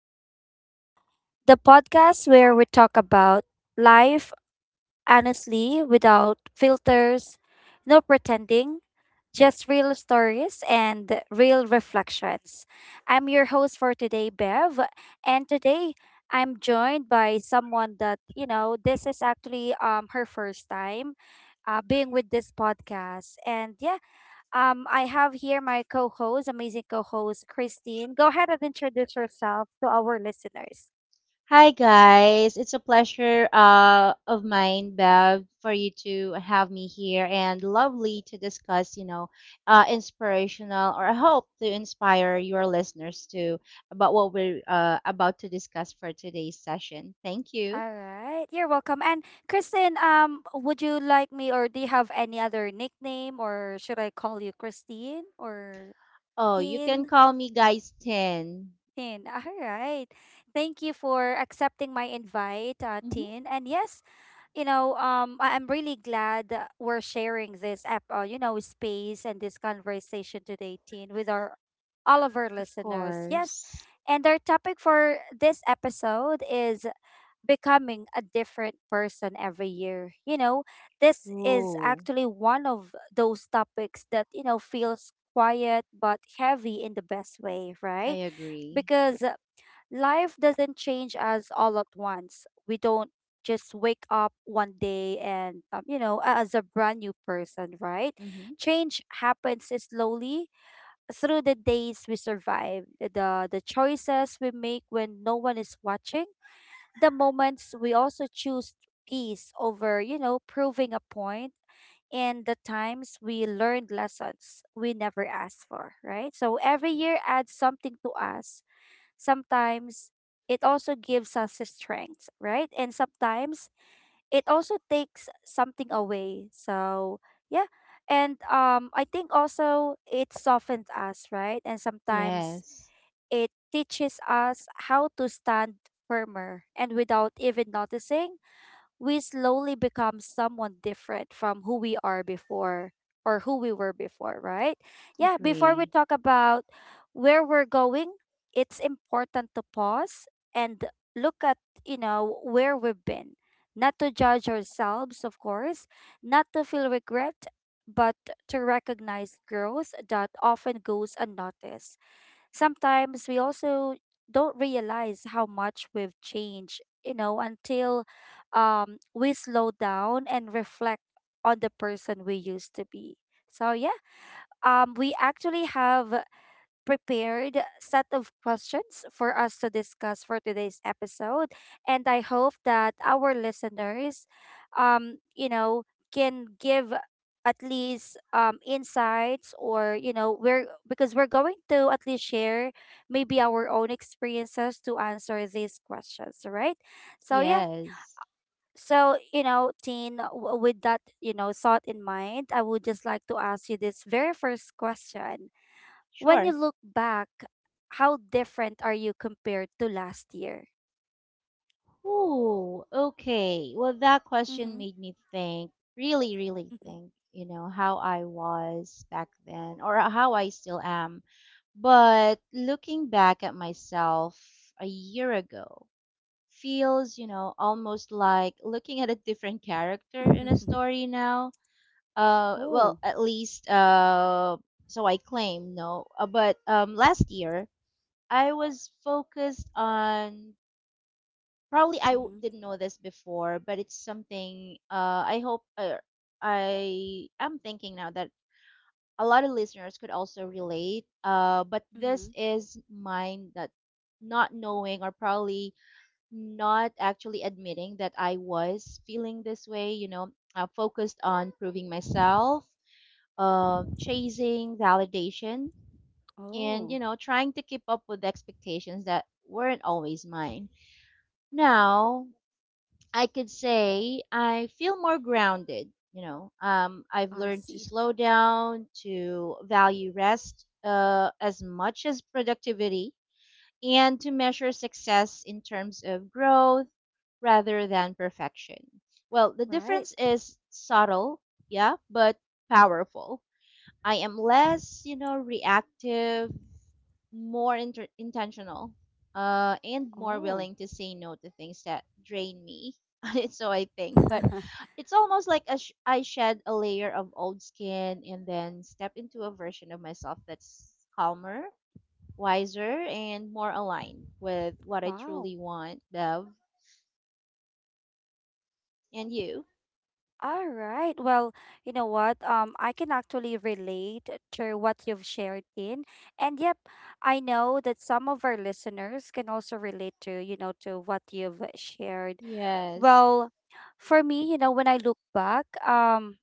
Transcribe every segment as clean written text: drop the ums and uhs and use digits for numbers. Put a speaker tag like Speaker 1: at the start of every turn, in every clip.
Speaker 1: Conversations, the podcast where we talk about life honestly without filters, no pretending, just real stories and real reflections. I'm your host for today, Bev, and today I'm joined by someone that, you know, this is actually her first time being with this podcast. And yeah, I have here my co-host, amazing co-host Christine. Go ahead and introduce yourself to our listeners.
Speaker 2: Hi guys, it's a pleasure of mine, Bev, for you to have me here and lovely to discuss, inspirational, or I hope to inspire your listeners to about what we're about to discuss for today's session. Thank you.
Speaker 1: All right, you're welcome. And Christine, would you like me, or do you have any other nickname, or should I call you Christine or
Speaker 2: Oh, you can
Speaker 1: Tin
Speaker 2: call me guys 10.
Speaker 1: Tin. All right. Thank you for accepting my invite,
Speaker 2: Mm-hmm.
Speaker 1: Tin. And yes, you know, I'm really glad that we're sharing you know, space and this conversation today, Teen, with our all of our
Speaker 2: Of
Speaker 1: listeners. Yes,
Speaker 2: course.
Speaker 1: and our topic for this episode is becoming a different person every year. You know, this is
Speaker 2: Oh,
Speaker 1: actually one of those topics that you know feels quiet but heavy in the best way,
Speaker 2: I
Speaker 1: right?
Speaker 2: agree.
Speaker 1: Because life doesn't change us all at once. We don't just wake up one day and you know, as a brand new person, right?
Speaker 2: Mm-hmm.
Speaker 1: Change happens slowly through the days we survive, the choices we make when no one is watching, the moments we also choose peace over, you know, proving a point, and the times we learned lessons we never asked for, right? So every year adds something to us, sometimes it also gives us strength, right? And sometimes it also takes something away. So, yeah. And I think also it softens us, right? And sometimes
Speaker 2: Yes,
Speaker 1: it teaches us how to stand firmer, and without even noticing we slowly become someone different from who we are before, or who we were before, right? Yeah, before we
Speaker 2: agree.
Speaker 1: talk about where we're going, it's important to pause and look at, you know, where we've been. Not to judge ourselves, of course, not to feel regret, but to recognize growth that often goes unnoticed. Sometimes we also don't realize how much we've changed, you know, until we slow down and reflect on the person we used to be. So, yeah, we actually have prepared set of questions for us to discuss for today's episode. And I hope that our listeners, you know, can give at least insights, or you know we're because we're going to at least share maybe our own experiences to answer these questions, right? So yeah,
Speaker 2: Yes,
Speaker 1: so you know Teen, with that you know thought in mind, I would just like to ask you this very first question. When you
Speaker 2: sure.
Speaker 1: look back, how different are you compared to last year?
Speaker 2: Oh, okay. Well, that question
Speaker 1: Mm-hmm.
Speaker 2: made me think, really, really think, you know, how I was back then or how I still am. But looking back at myself a year ago feels, you know, almost like looking at a different character in a
Speaker 1: Mm-hmm.
Speaker 2: story now. Well,
Speaker 1: Oh.
Speaker 2: at least, so I claim, no. But Last year, I was focused on, probably I
Speaker 1: Mm-hmm.
Speaker 2: didn't know this before, but it's something I hope, I am thinking now that a lot of listeners could also relate. But
Speaker 1: Mm-hmm.
Speaker 2: this is mine, that not knowing or probably not actually admitting that I was feeling this way, you know, focused on proving myself, chasing validation, and,
Speaker 1: Oh,
Speaker 2: you know, trying to keep up with expectations that weren't always mine. Now I could say I feel more grounded. You know, I've
Speaker 1: I
Speaker 2: learned to
Speaker 1: see.
Speaker 2: slow down, to value rest as much as productivity, and to measure success in terms of growth rather than perfection. Well, the
Speaker 1: Right.
Speaker 2: difference is subtle, yeah, but powerful. I am less, you know, reactive, more intentional, and more
Speaker 1: Oh.
Speaker 2: willing to say no to things that drain me. So I think, but it's almost like a I shed a layer of old skin and then step into a version of myself that's calmer, wiser, and more aligned with what I
Speaker 1: Wow.
Speaker 2: truly want, Bev and you.
Speaker 1: All right. Well, you know what? I can actually relate to what you've shared in. And yep, I know that some of our listeners can also relate to, you know, to what you've shared.
Speaker 2: Yes.
Speaker 1: Well, for me, you know, when I look back, um,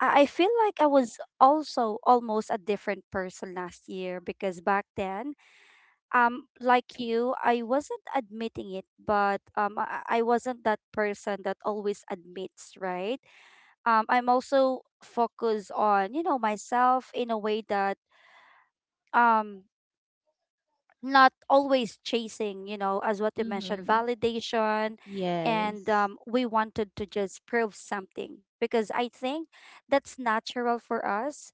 Speaker 1: I I feel like I was also almost a different person last year, because back then, like you, I wasn't admitting it, but um, I wasn't that person that always admits, right? I'm also focused on, you know, myself in a way that um not always chasing, you know, as what you mentioned,
Speaker 2: Mhm.
Speaker 1: validation, and
Speaker 2: Yes.
Speaker 1: we wanted to just prove something, because I think that's natural for us,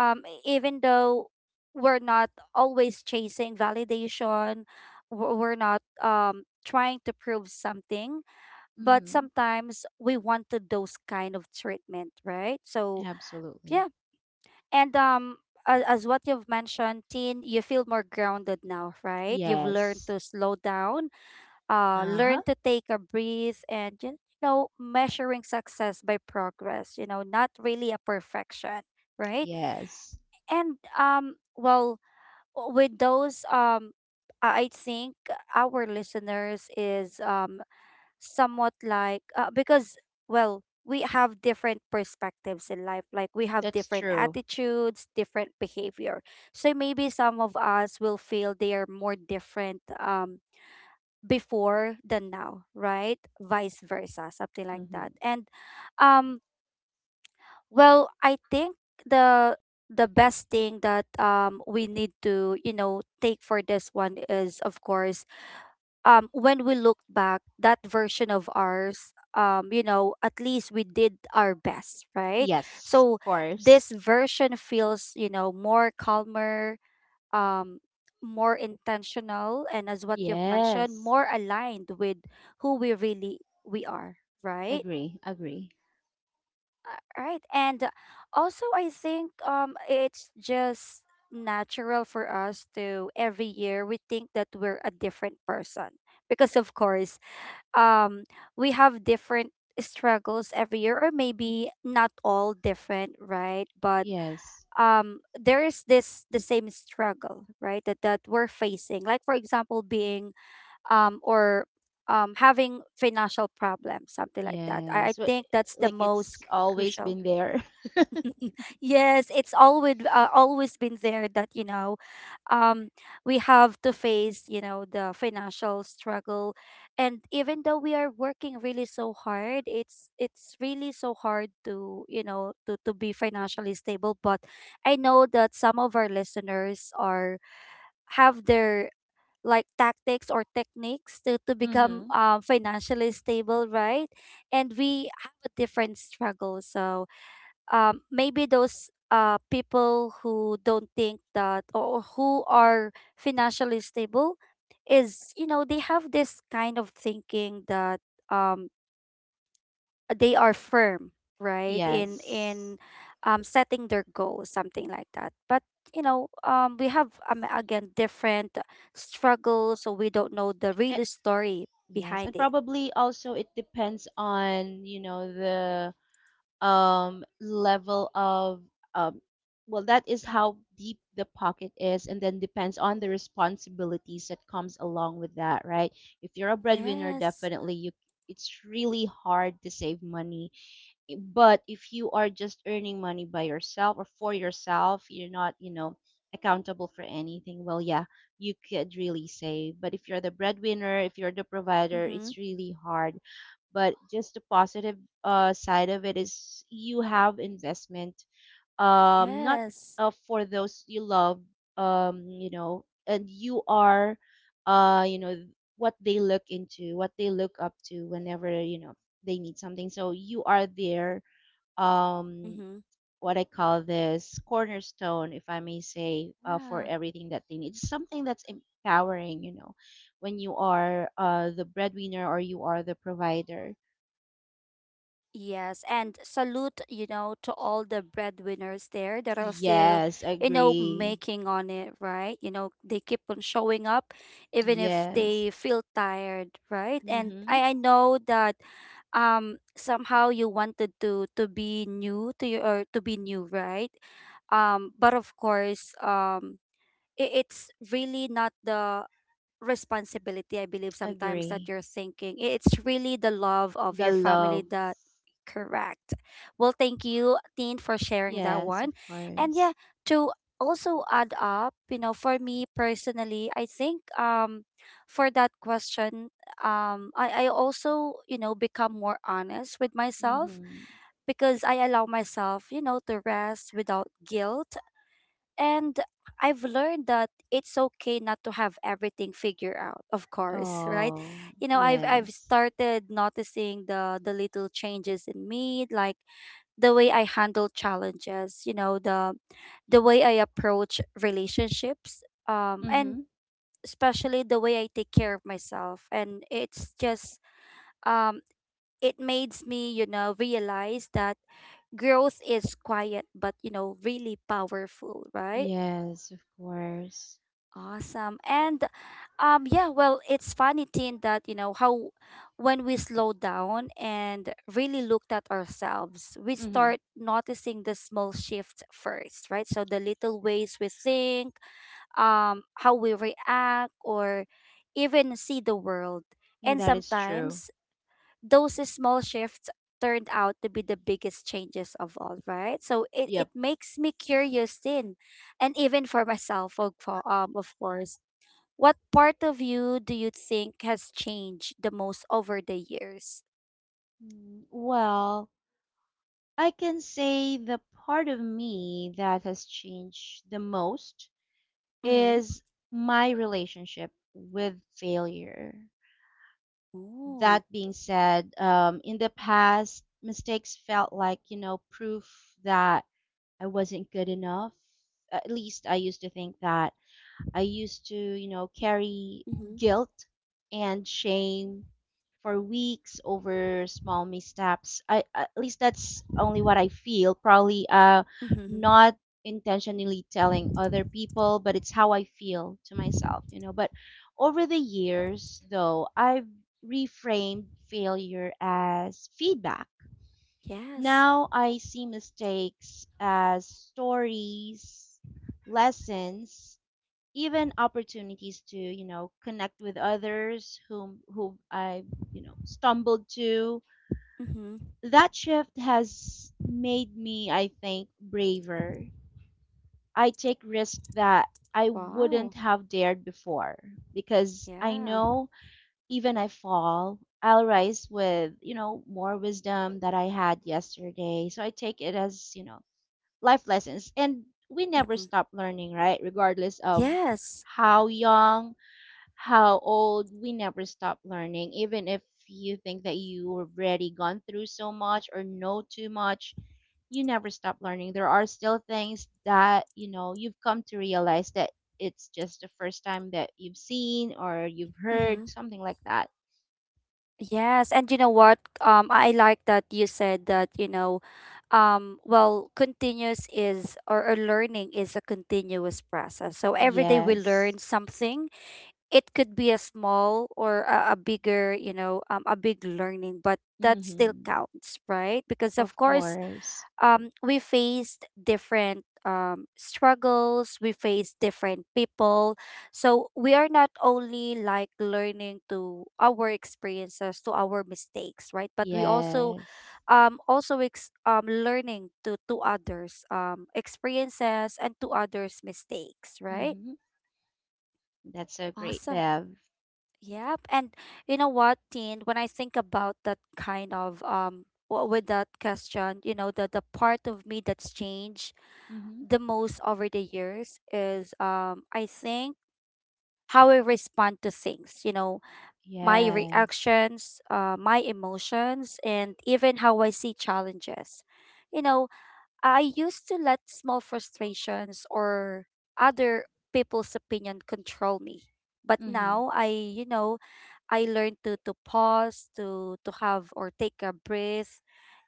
Speaker 1: even though we're not always chasing validation, we're not trying to prove something, but
Speaker 2: Mhm.
Speaker 1: sometimes we wanted those kind of treatment, right? So
Speaker 2: Absolutely.
Speaker 1: yeah, and as what you've mentioned Teen, you feel more grounded now, right? You've learned
Speaker 2: Yes.
Speaker 1: to slow down, learn
Speaker 2: Uh-huh.
Speaker 1: to take a breath, and you know measuring success by progress, you know, not really a perfection, right?
Speaker 2: Yes.
Speaker 1: And well, with those um, I think our listeners is somewhat like because well we have different perspectives in life, like we have
Speaker 2: That's
Speaker 1: different
Speaker 2: true.
Speaker 1: attitudes, different behavior, so maybe some of us will feel they are more different before than now, right? Vice versa, something like
Speaker 2: Hmm.
Speaker 1: that. And um well, I think the the best thing that we need to, you know, take for this one is of course when we look back that version of ours, you know at least we did our best, right?
Speaker 2: Yes,
Speaker 1: So
Speaker 2: of course.
Speaker 1: this version feels, you know, more calmer, um more intentional and as what you've mentioned,
Speaker 2: Yes.
Speaker 1: more aligned with who we really we are, right?
Speaker 2: Agree. Agree.
Speaker 1: Right. And also, I think it's just natural for us to every year we think that we're a different person, because, of course, um, we have different struggles every year, or maybe not all different, right? But
Speaker 2: Yes.
Speaker 1: there is this the same struggle, right? That we're facing. Like for example, being or having financial problems, something like that. I
Speaker 2: Yes. Wh-
Speaker 1: think that's the
Speaker 2: Like
Speaker 1: most
Speaker 2: it's always
Speaker 1: crucial.
Speaker 2: been there.
Speaker 1: Yes, it's always always been there, that you know, um, we have to face you know the financial struggle, and even though we are working really so hard, it's really so hard to you know to be financially stable. But I know that some of our listeners are have their like tactics or techniques to become
Speaker 2: Mm-hmm.
Speaker 1: financially stable, right? And we have a different struggle, so maybe those people who don't think that or who are financially stable is you know they have this kind of thinking that um, they are firm right in
Speaker 2: Yes.
Speaker 1: in um, setting their goals, something like that, but you know we have again different struggles, so we don't know the
Speaker 2: Eh,
Speaker 1: real story
Speaker 2: yes.
Speaker 1: behind
Speaker 2: And
Speaker 1: it.
Speaker 2: probably also it depends on, you know, the level of, um, well, that is how deep the pocket is, and then depends on the responsibilities that comes along with that, right? If you're a breadwinner,
Speaker 1: Yes,
Speaker 2: definitely you, it's really hard to save money. Eh, but if you are just earning money by yourself or for yourself, you're not, you know, accountable for anything, well, yeah, you could really save. But if you're the breadwinner, if you're the provider,
Speaker 1: mm-hmm.
Speaker 2: it's really hard. But just the positive side of it is you have investment, not
Speaker 1: Yes,
Speaker 2: for those you love, you know, and you are, uh you know what they look into, what they look up to whenever, you know, they need something. So you are their um
Speaker 1: mm-hmm.
Speaker 2: what I call this cornerstone, if I may say, for
Speaker 1: Yeah.
Speaker 2: everything that they need. It's something that's empowering, you know, when you are the breadwinner or you are the provider.
Speaker 1: Yes, and salute, you know, to all the breadwinners there that are still,
Speaker 2: Yes,
Speaker 1: you know,
Speaker 2: agree.
Speaker 1: making on it, right? You know, they keep on showing up even if
Speaker 2: Yes.
Speaker 1: they feel tired, right? And
Speaker 2: Mm-hmm.
Speaker 1: I know that somehow you wanted to be new to your or to be new, right? But of course, it's really not the responsibility, I believe sometimes that
Speaker 2: Agree.
Speaker 1: you're thinking. It's really the love of
Speaker 2: The
Speaker 1: your family
Speaker 2: love.
Speaker 1: that correct. Well, thank you, Teen, for sharing that
Speaker 2: Yes, of
Speaker 1: one. And yeah,
Speaker 2: course.
Speaker 1: to also add up, you know, for me personally, I think for that question, I also, you know, become more honest with myself,
Speaker 2: Mm-hmm.
Speaker 1: because I allow myself, you know, to rest without guilt, and I've learned that it's okay not to have everything figured out, of course, right?
Speaker 2: Oh,
Speaker 1: You know, I've
Speaker 2: yes.
Speaker 1: started noticing the little changes in me, like the way I handle challenges, you know, the way I approach relationships, and
Speaker 2: Mm-hmm.
Speaker 1: especially the way I take care of myself. And it's just um it makes me, you know, realize that growth is quiet but you know really powerful, right?
Speaker 2: Yes, of course.
Speaker 1: Awesome. And yeah, well, it's funny, Tin, that, you know, how when we slow down and really looked at ourselves, we
Speaker 2: Mm-hmm.
Speaker 1: start noticing the small shift first, right? So the little ways we think, how we react, or even see the world.
Speaker 2: Yeah,
Speaker 1: And
Speaker 2: that is true.
Speaker 1: sometimes those small shifts turned out to be the biggest changes of all, right? So it
Speaker 2: Yep.
Speaker 1: makes me curious, Tin, and even for myself, of course, what part of you do you think has changed the most over the years?
Speaker 2: Mm, well, I can say the part of me that has changed the most
Speaker 1: Mm-hmm.
Speaker 2: is my relationship with failure.
Speaker 1: Ooh.
Speaker 2: That being said, in the past, mistakes felt like, you know, proof that I wasn't good enough. At least I used to think that. I used to, you know, carry
Speaker 1: Mm-hmm.
Speaker 2: guilt and shame for weeks over small missteps. I, at least that's only what I feel. Probably
Speaker 1: Mm-hmm.
Speaker 2: not intentionally telling other people, but it's how I feel to myself, you know. But over the years though, I've reframed failure as feedback.
Speaker 1: Yes.
Speaker 2: Now I see mistakes as stories, lessons, even opportunities to, you know, connect with others whom, who I, you know, stumbled to.
Speaker 1: Mm-hmm.
Speaker 2: That shift has made me, I think, braver. I take risks that I wouldn't
Speaker 1: Wow.
Speaker 2: have dared before, because I
Speaker 1: Yeah.
Speaker 2: know, even I fall, I'll rise with, you know, more wisdom that I had yesterday. So I take it as, you know, life lessons, and we never
Speaker 1: Mm-hmm.
Speaker 2: stop learning, right, regardless of
Speaker 1: Yes.
Speaker 2: how young, how old. We never stop learning, even if you think that you have already gone through so much or know too much, you never stop learning. There are still things that, you know, you've come to realize that it's just the first time that you've seen or you've
Speaker 1: Mm-hmm.
Speaker 2: heard something like that.
Speaker 1: Yes. And you know what? I like that you said that, you know, well, continuous is or learning is a continuous process. So every day we
Speaker 2: Yes.
Speaker 1: learn something, it could be a small or a bigger you know a big learning, but that still
Speaker 2: Mhm.
Speaker 1: counts, right? Because
Speaker 2: Of
Speaker 1: of course
Speaker 2: course.
Speaker 1: we faced different struggles, we faced different people, so we are not only like learning to our experiences to our mistakes, right? But we also
Speaker 2: Yes.
Speaker 1: learning to others experiences and to others mistakes, right?
Speaker 2: Mhm. That's so great,
Speaker 1: Awesome.
Speaker 2: Bev.
Speaker 1: Yep. And you know what, Teen, when I think about that kind of with that question, you know, the part of me that's changed
Speaker 2: Mhm.
Speaker 1: the most over the years is I think how I respond to things, you know, my
Speaker 2: Yes.
Speaker 1: reactions, my emotions, and even how I see challenges. You know, I used to let small frustrations or other people's opinion control me. But
Speaker 2: Mhm.
Speaker 1: now I, you know, I learned to pause, to have or take a breath.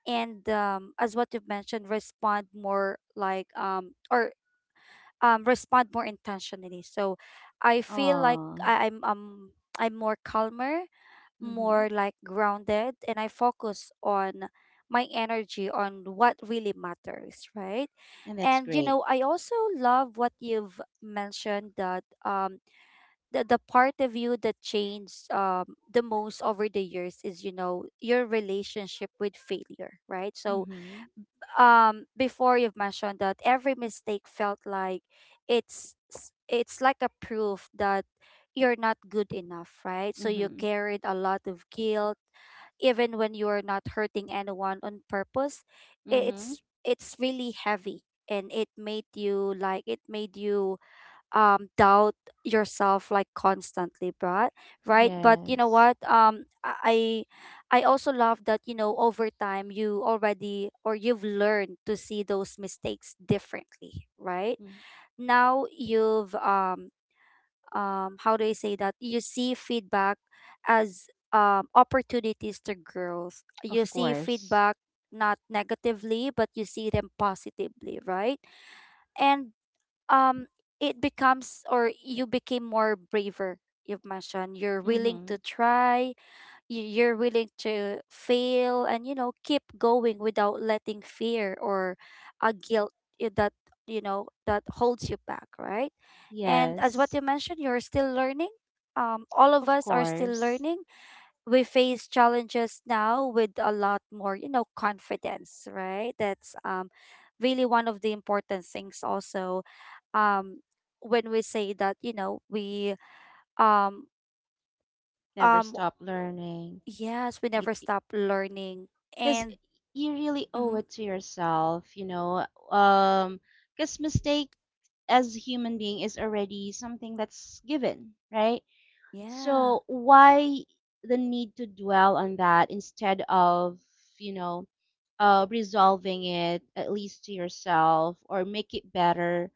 Speaker 1: And as what you've mentioned, respond more like, or respond more intentionally. So I feel like
Speaker 2: Oh.
Speaker 1: I'm more calmer,
Speaker 2: Mhm.
Speaker 1: more like grounded, and I focus on my energy on what really matters, right?
Speaker 2: And that's
Speaker 1: And
Speaker 2: great.
Speaker 1: I also love what you've mentioned that the part of you that changed the most over the years is, your relationship with failure, right? So
Speaker 2: Mhm.
Speaker 1: before you've mentioned that every mistake felt like it's like a proof that you're not good enough, right? So you
Speaker 2: Mhm.
Speaker 1: carried a lot of guilt even when you're not hurting anyone on purpose.
Speaker 2: Mhm.
Speaker 1: It's really heavy, and it made you, like, it made you doubt yourself, like, constantly, but right, but you know
Speaker 2: Yes.
Speaker 1: what? I also love that, over time, you already, or you've learned to see those mistakes differently, right?
Speaker 2: Mm.
Speaker 1: Now you've how do I say that, you see feedback as opportunities to growth. You
Speaker 2: Of
Speaker 1: see
Speaker 2: course.
Speaker 1: feedback not negatively, but you see them positively, right? And um it becomes, or you became more braver. You've mentioned you're willing
Speaker 2: Mhm.
Speaker 1: to try, you're willing to fail, and keep going without letting fear or a guilt, that, that holds you back, right? And as what
Speaker 2: Yes,
Speaker 1: you mentioned, you're still learning. All of
Speaker 2: of
Speaker 1: us are still
Speaker 2: course.
Speaker 1: learning. We face challenges now with a lot more, confidence, right? That's really one of the important things also. um when we say that, we um
Speaker 2: Never
Speaker 1: um
Speaker 2: stop learning.
Speaker 1: yes, we
Speaker 2: You,
Speaker 1: never stop learning.
Speaker 2: because
Speaker 1: And
Speaker 2: you really owe
Speaker 1: mhm,
Speaker 2: it to yourself, you know. Because mistake as a human being is already something that's given, right?
Speaker 1: yeah,
Speaker 2: So why the need to dwell on that instead of, you know, resolving it, at least to yourself, or make it better,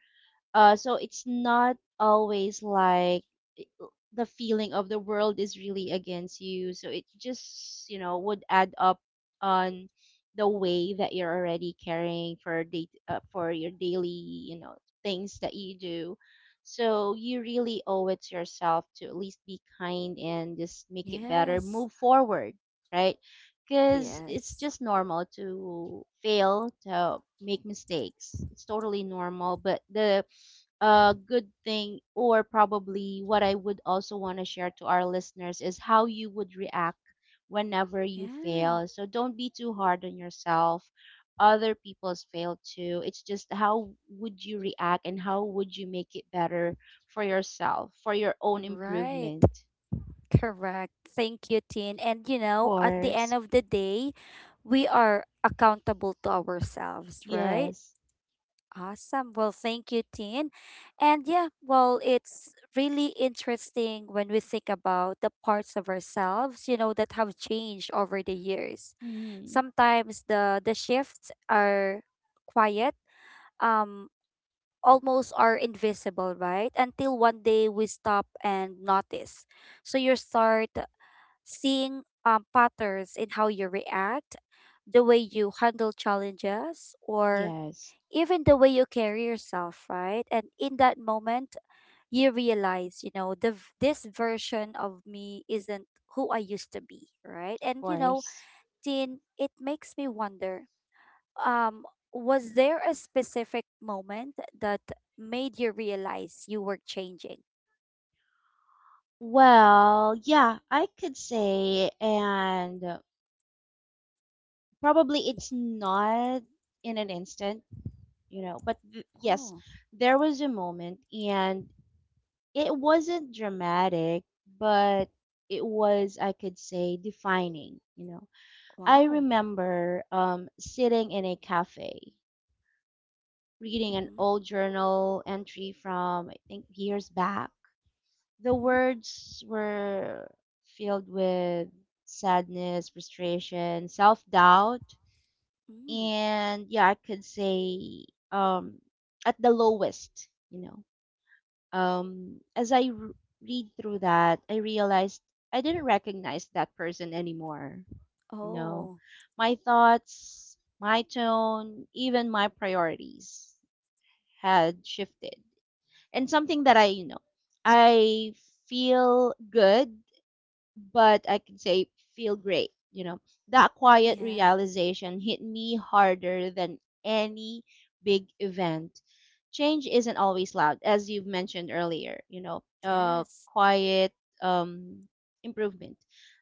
Speaker 2: so it's not always like, i- uh, the feeling of the world is really against you. So it just, you know, would add up on the way that you're already carrying for day, for your daily, you know, things that you do. So you really owe it to yourself to at least be kind and just make it better,
Speaker 1: yes,
Speaker 2: move forward, right? Because it's
Speaker 1: yes,
Speaker 2: just normal to fail, to make mistakes, it's totally normal. But the a good thing, or probably what I would also want to share to our listeners, is how you would react whenever you
Speaker 1: yeah,
Speaker 2: fail. So don't be too hard on yourself. Other people's fail too. It's just how would you react and how would you make it better for yourself, for your own
Speaker 1: right,
Speaker 2: improvement.
Speaker 1: correct. Thank you, Tin. And
Speaker 2: Of
Speaker 1: at the end
Speaker 2: course.
Speaker 1: of the day, we are accountable to ourselves, right?
Speaker 2: Yes.
Speaker 1: Awesome. Well, thank you, Tin. And yeah, well, it's really interesting when we think about the parts of ourselves, that have changed over the years.
Speaker 2: Hmm.
Speaker 1: Sometimes the shifts are quiet, um, almost are invisible, right? Until one day we stop and notice. So you start seeing patterns in how you react, the way you handle challenges, or
Speaker 2: Yes.
Speaker 1: even the way you carry yourself, right? And in that moment, you realize, this version of me isn't who I used to be, right?
Speaker 2: Of
Speaker 1: And
Speaker 2: course.
Speaker 1: Tin, it makes me wonder, um, was there a specific moment that made you realize you were changing?
Speaker 2: Well, yeah, I could say, and probably it's not in an instant, you know, but yes,
Speaker 1: Oh,
Speaker 2: there was a moment, and it wasn't dramatic, but it was, I could say, defining, you know. I
Speaker 1: wow.
Speaker 2: remember sitting in a cafe, reading an
Speaker 1: Mhm.
Speaker 2: old journal entry from, I think, years back. The
Speaker 1: Mhm.
Speaker 2: words were filled with sadness, frustration, self doubt,
Speaker 1: Mm.
Speaker 2: and yeah, I could say um at the lowest, you know. Um, as I read through that, I realized I didn't recognize that person anymore, you know.
Speaker 1: Oh,
Speaker 2: My thoughts, my tone, even my priorities had shifted. And something that I, you know, I feel good, but I can say feel great. You know, that quiet
Speaker 1: yeah.
Speaker 2: realization hit me harder than any big event. Change isn't always loud, as you've mentioned earlier. You know,
Speaker 1: Yes.
Speaker 2: quiet um, improvement.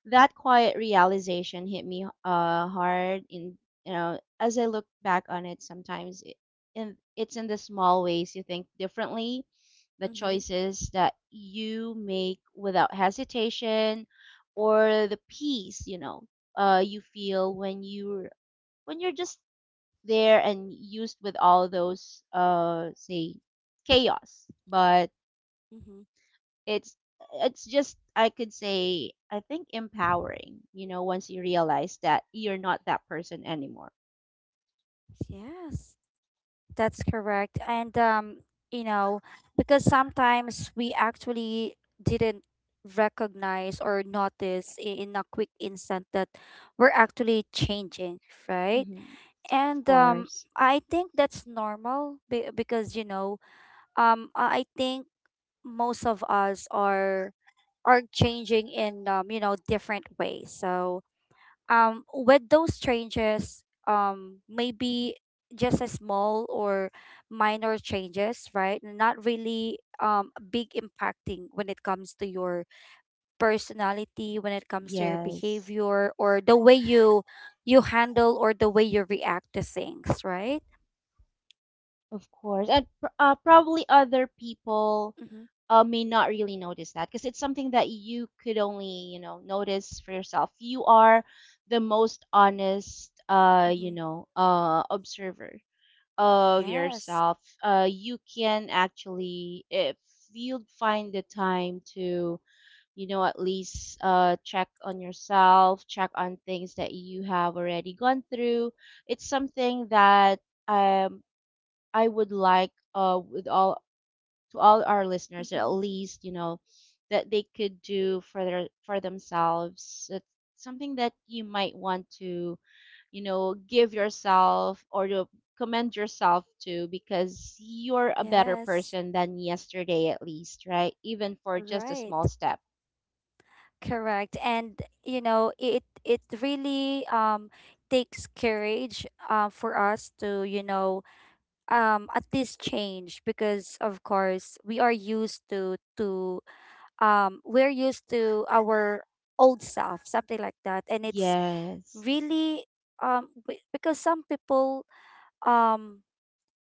Speaker 2: That quiet realization hit me hard. In, you know, as I look back on it, sometimes it, and it's in the small ways you think differently, the
Speaker 1: Mhm.
Speaker 2: choices that you make without hesitation, or the peace, you know, you feel when you're, when you're just there and used with all those, say, chaos. But
Speaker 1: Mhm.
Speaker 2: it's it's just, I could say, I think, empowering, you know, once you realize that you're not that person anymore.
Speaker 1: Yes. That's correct. And you know, because sometimes we actually didn't recognize or notice, in a quick instant, that we're actually changing, right?
Speaker 2: Hmm. Of
Speaker 1: And
Speaker 2: course.
Speaker 1: I think that's normal, because, I think most of us are changing in different ways. So with those changes, maybe just a small or minor changes, right? Not really big impacting when it comes to your personality, when it comes to your
Speaker 2: Yes.
Speaker 1: behavior, or the way you handle, or the way you react to things, right?
Speaker 2: Of course, and probably other people
Speaker 1: Mm-hmm,
Speaker 2: may not really notice that because it's something that you could only, you know, notice for yourself. You are the most honest,
Speaker 1: mm-hmm.
Speaker 2: observer of
Speaker 1: Yes,
Speaker 2: yourself. You can actually, if you find the time to, you know, at least check on yourself, check on things that you have already gone through. It's something that um I would like, with all, to all our listeners, at
Speaker 1: mm-hmm.
Speaker 2: least, you know, that they could do for their, for themselves. It's something that you might want to, you know, give yourself, or to commend yourself to, because you're a better
Speaker 1: Yes,
Speaker 2: person than yesterday, at least, right? Even for just a small
Speaker 1: right.
Speaker 2: step.
Speaker 1: Correct. And, it, it really takes courage, for us to, at least change, because of course we are used to, we're used to our old self, something like that. And it's
Speaker 2: Yes.
Speaker 1: really because some people, um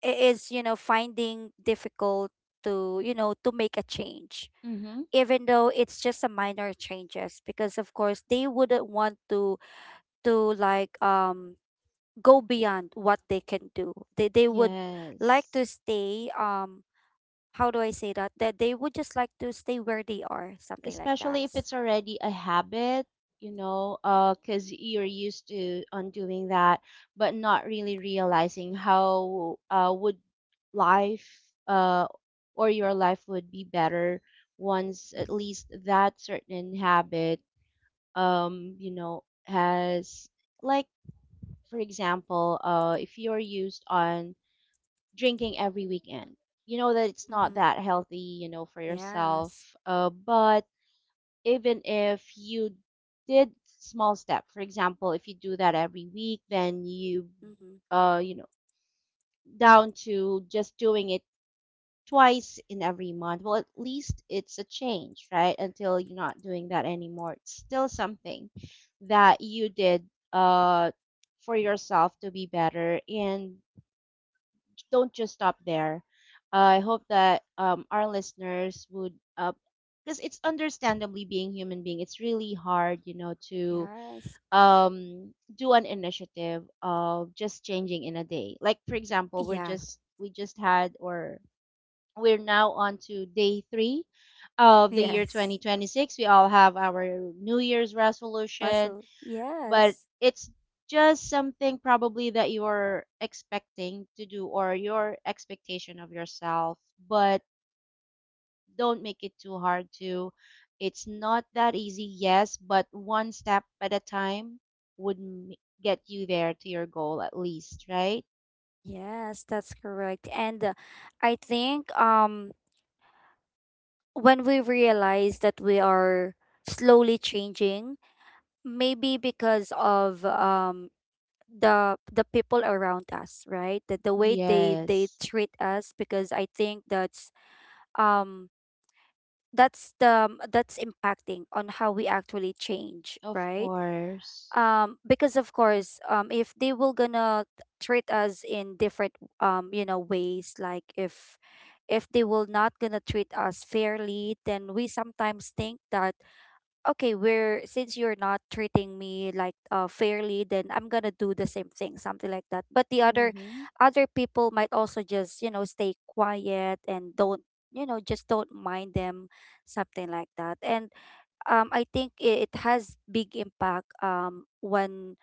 Speaker 1: is, finding difficult to, to make a change,
Speaker 2: Mhm.
Speaker 1: even though it's just a minor changes, because of course they wouldn't want to like go beyond what they can do. They would like
Speaker 2: Yes.
Speaker 1: to stay, how do I say that, that they would just like to stay where they are, something like
Speaker 2: Especially
Speaker 1: that.
Speaker 2: if it's already a habit, you know, because you're used to on doing that, but not really realizing how would life, uh or your life would be better once at
Speaker 1: Mm-hmm.
Speaker 2: least that certain habit, you know, has, like, for example, if you're used on drinking every weekend, you know that it's not
Speaker 1: Mm-hmm.
Speaker 2: that healthy, you know, for yourself,
Speaker 1: Yes,
Speaker 2: but even if you did small step, for example, if you do that every week, then you,
Speaker 1: mm-hmm.
Speaker 2: you know down to just doing it twice in every month, well, at least it's a change, right? Until you're not doing that anymore, it's still something that you did uh for yourself to be better. And don't just stop there. I hope that, our listeners would, because it's understandably being human being, it's really hard, you know, to
Speaker 1: Yes,
Speaker 2: um, do an initiative of just changing in a day. Like for example, we're
Speaker 1: yeah.
Speaker 2: just, we just had, or we're now on to day three of the year
Speaker 1: Yes,
Speaker 2: 2026. We all have our New Year's resolution,
Speaker 1: russell,
Speaker 2: but
Speaker 1: yes.
Speaker 2: it's just something probably that you're expecting to do, or your expectation of yourself. But don't make it too hard to, it's not that easy. Yes, but one step at a time would get you there to your goal, at least, right?
Speaker 1: Yes, that's correct. And I think when we realize that we are slowly changing, maybe because of the people around us, right? That the way they
Speaker 2: Yes.
Speaker 1: treat us, because I think that's, um that's the that's impacting on how we actually change,
Speaker 2: Of
Speaker 1: right?
Speaker 2: course.
Speaker 1: Because of course, if they will gonna treat us in different, ways, like, if they will not gonna treat us fairly, then we sometimes think that, okay, we're, since you're not treating me like, fairly, then I'm gonna do the same thing, something like that. But the
Speaker 2: Mhm.
Speaker 1: other people might also just, stay quiet, and don't, just don't mind them, something like that. And I think, it has big impact, when,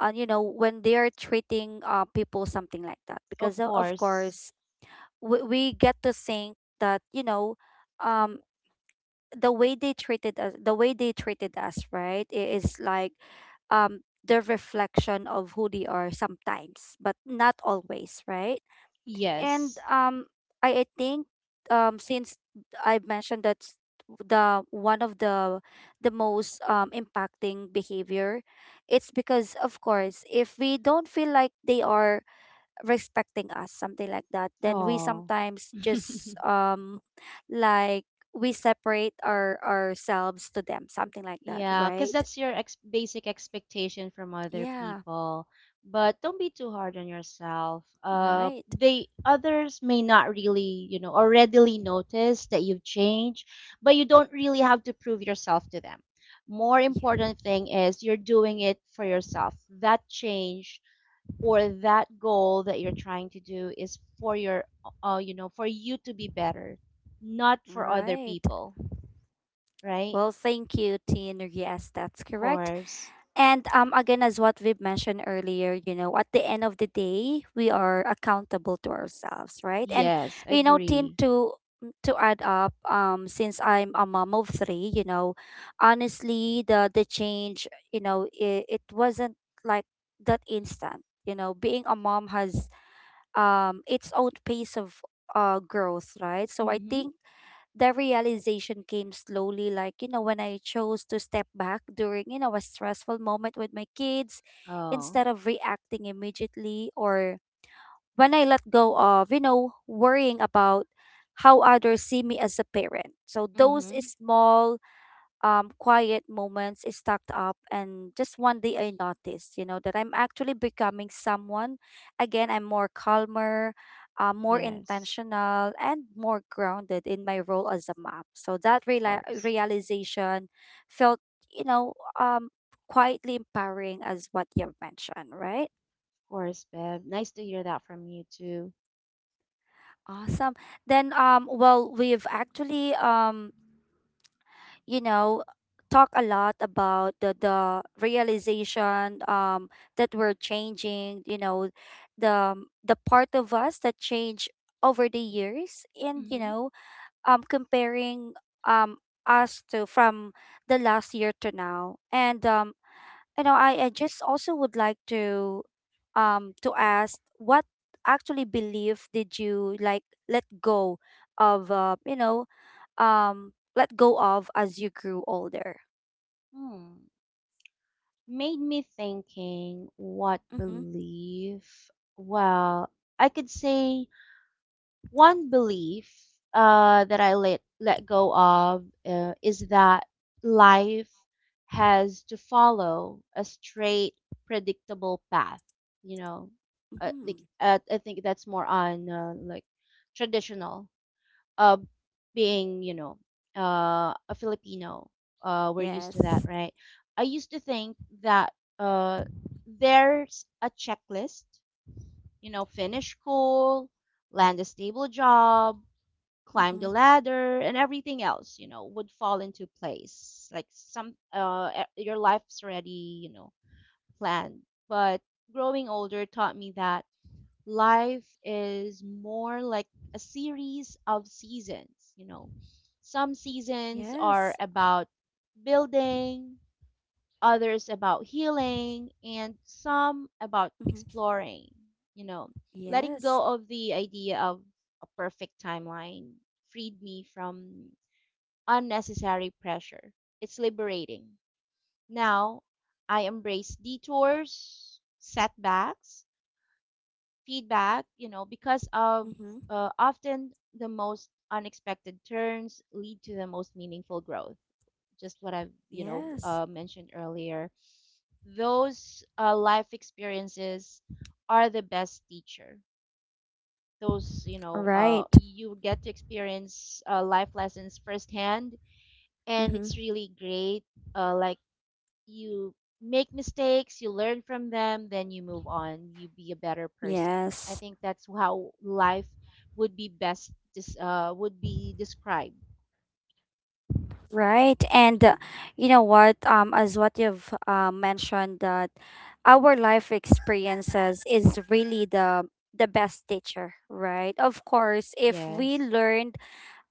Speaker 1: when they're treating, people something like that, because,
Speaker 2: Of
Speaker 1: of
Speaker 2: course.
Speaker 1: course, we get to think that, um the way they treated us, right? It is like, the reflection of who they are sometimes, but not always, right? And
Speaker 2: Yes.
Speaker 1: I think, since I mentioned, that's the one of the most impacting behavior. It's because, of course, if we don't feel like they are respecting us, something like that, then we
Speaker 2: Oh.
Speaker 1: sometimes just like, we separate ourselves to them, something like that,
Speaker 2: Yeah, because
Speaker 1: right?
Speaker 2: that's your ex basic expectation from other
Speaker 1: Yeah,
Speaker 2: people. But don't be too hard on yourself.
Speaker 1: right.
Speaker 2: They others may not really or readily notice that you've changed, but you don't really have to prove yourself to them. More
Speaker 1: Yeah,
Speaker 2: important thing is you're doing it for yourself. That change or that goal that you're trying to do is for your, for you to be better, not for other
Speaker 1: right.
Speaker 2: people, right?
Speaker 1: Well, thank you, Tin. Yes, that's
Speaker 2: Of
Speaker 1: correct.
Speaker 2: course.
Speaker 1: And, again, as what we've mentioned earlier, at the end of the day, we are accountable to ourselves, right? And,
Speaker 2: Yes,
Speaker 1: Tin,
Speaker 2: agree.
Speaker 1: to add up, since I'm a mom of three, honestly, the change, it wasn't like that instant. You know, being a mom has, its own pace of, growth, right? So I
Speaker 2: Mm-hmm.
Speaker 1: think the realization came slowly, like, when I chose to step back during, a stressful moment with my kids,
Speaker 2: Oh.
Speaker 1: instead of reacting immediately, or when I let go of, worrying about how others see me as a parent. So those
Speaker 2: Mm-hmm.
Speaker 1: small, quiet moments stacked up. And just one day I noticed, that I'm actually becoming someone. Again, I'm more calmer, more
Speaker 2: Yes,
Speaker 1: intentional, and more grounded in my role as a mom. So that
Speaker 2: of course.
Speaker 1: realization felt, you know, um, quietly empowering, as what you've mentioned, right?
Speaker 2: Of course, babe. Nice to hear that from you too.
Speaker 1: Awesome. Then, well, we've actually, you know talk a lot about the realization that we're changing, the the part of us that change over the years. And,
Speaker 2: Mm-hmm.
Speaker 1: comparing, um us to from the last year to now. And, I just also would like to, to ask, what actually belief did you like let go of, um let go of as you grew older?
Speaker 2: Hmm. Made me thinking what
Speaker 1: Mm-hmm.
Speaker 2: belief? Well, I could say one belief that I let go of is that life has to follow a straight, predictable path. You know,
Speaker 1: Mm-hmm.
Speaker 2: like I think that's more on like traditional uh, being. You know, a Filipino. We're used to that,
Speaker 1: Yes.
Speaker 2: right? I used to think that uh, there's a checklist. You know, finish school, land a stable job, climb
Speaker 1: Mm-hmm.
Speaker 2: the ladder, and everything else would fall into place, like some your life's already planned. But growing older taught me that life is more like a series of seasons. You know, some seasons are
Speaker 1: Yes.
Speaker 2: about building, others about healing, and some about
Speaker 1: Mm-hmm.
Speaker 2: exploring, you know. Letting
Speaker 1: Yes.
Speaker 2: go of the idea of a perfect timeline freed me from unnecessary pressure. It's liberating. Now, I embrace detours, setbacks, feedback, because of
Speaker 1: Mm-hmm.
Speaker 2: often the most unexpected turns lead to the most meaningful growth. Just what I've
Speaker 1: Yes.
Speaker 2: mentioned earlier, those life experiences are the best teacher.
Speaker 1: Right.
Speaker 2: You get to experience life lessons firsthand, and
Speaker 1: Mm-hmm.
Speaker 2: it's really great. Like, you make mistakes, you learn from them, then you move on, you be a better person. I
Speaker 1: Yes.
Speaker 2: think that's how life would be best dis- would be described.
Speaker 1: Right. And, you know what? As what you've, mentioned, that our life experiences is really the best teacher, right? Of course, if we
Speaker 2: Yes.
Speaker 1: learned,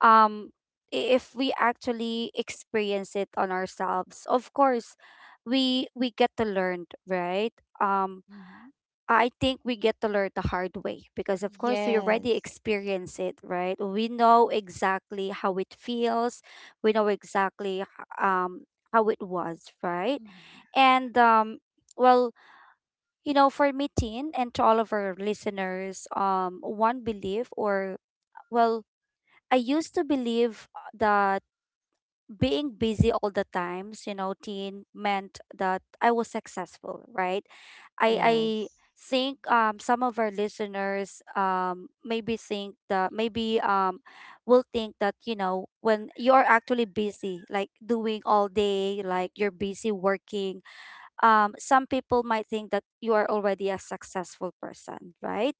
Speaker 1: um if we actually experience it on ourselves, of course we get to learn, right? um
Speaker 2: Hmm.
Speaker 1: I think we get to learn the hard way, because of course we already
Speaker 2: Yes.
Speaker 1: experience it, right? We know exactly how it feels. We know exactly, um how it was, right?
Speaker 2: Hmm.
Speaker 1: And, well, for me, teen, and to all of our listeners, one belief, or, well, I used to believe, that being busy all the times, teen meant that I was successful, right? I
Speaker 2: Yes.
Speaker 1: think some of our listeners, maybe think that, maybe will think that, when you are actually busy, like doing all day, like you're busy working, some people might think that you are already a successful person, right?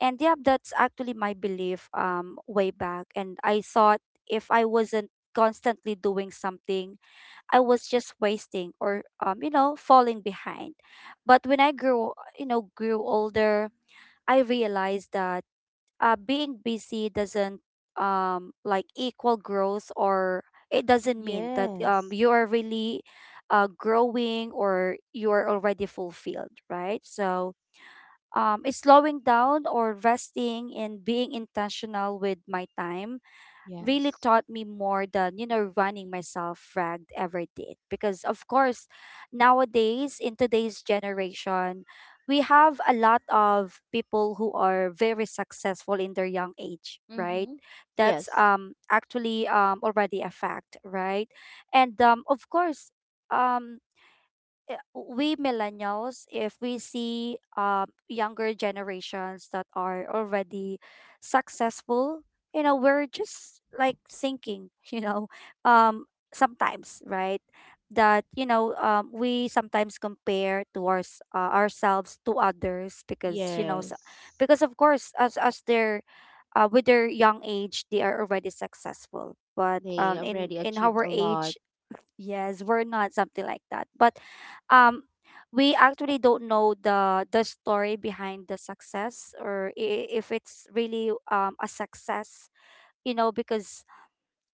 Speaker 1: And yeah, that's actually my belief, way back. And I thought, if I wasn't constantly doing something, I was just wasting, or, falling behind. But when I grew, grew older, I realized that, being busy doesn't like equal growth, or it doesn't mean that,
Speaker 2: Yes.
Speaker 1: you are really, growing, or you are already fulfilled, right? So, it's slowing down or resting and being intentional with my time really
Speaker 2: Yes.
Speaker 1: taught me more than, running myself ragged ever did. Because, of course, nowadays, in today's generation, we have a lot of people who are very successful in their young age, right?
Speaker 2: Mm-hmm.
Speaker 1: That's,
Speaker 2: Yes.
Speaker 1: actually, already a fact, right? And, of course, um, we millennials, if we see, younger generations that are already successful, we're just like thinking, um, sometimes, right? That, we sometimes compare to our, ourselves to others, because,
Speaker 2: Yes.
Speaker 1: because of course, as they're, with their young age, they are already successful. But,
Speaker 2: They
Speaker 1: in
Speaker 2: already achieved
Speaker 1: our
Speaker 2: a
Speaker 1: age,
Speaker 2: lot.
Speaker 1: yes, we're not something like that. But um we actually don't know the story behind the success or if it's really a success, because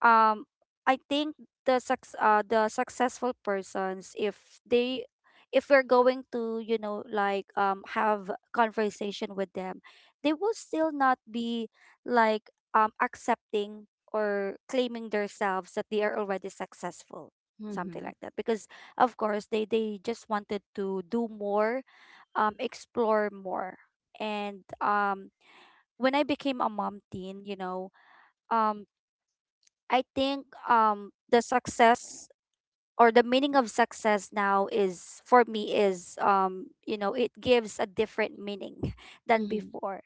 Speaker 1: um I think the successful persons, if we're going to have conversation with them, they will still not be like accepting or claiming themselves that they are already successful, something
Speaker 2: Mm-hmm.
Speaker 1: like that, because of course they just wanted to do more, explore more. And when I became a mom, Teen, you know, um, I think the success or the meaning of success now, is for me is you know, it gives a different meaning than
Speaker 2: Mm-hmm.
Speaker 1: before.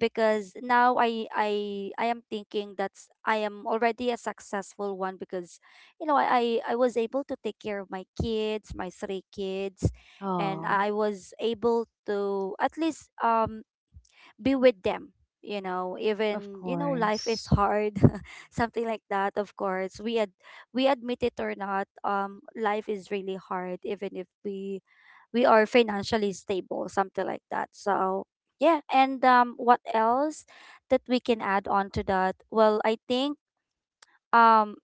Speaker 1: Because now I am thinking that I am already a successful one because, you know, I was able to take care of my kids, my three kids, and
Speaker 2: Oh,
Speaker 1: I was able to at least be with them, you know,
Speaker 2: of
Speaker 1: even, you know, life is
Speaker 2: course.
Speaker 1: hard something like that. Of course, we admit it or not, life is really hard even if we are financially stable, something like that. So yeah. And what else that we can add on to that? Well, I think, um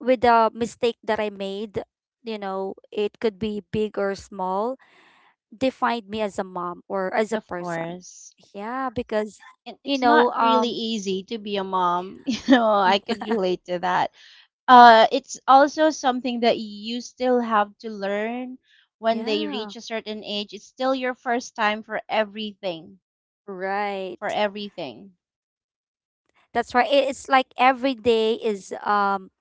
Speaker 1: with the mistake that I made, you know, it could be big or small, defined me as a mom or as a
Speaker 2: Of
Speaker 1: person.
Speaker 2: course.
Speaker 1: Yeah, because
Speaker 2: And
Speaker 1: you
Speaker 2: it's not
Speaker 1: know,
Speaker 2: really
Speaker 1: um
Speaker 2: easy to be a mom. You know, I could relate to that. It's also something that you still have to learn when they
Speaker 1: yeah,
Speaker 2: reach a certain age. It's still your first time for everything.
Speaker 1: right.
Speaker 2: For everything.
Speaker 1: That's right. It's like every day is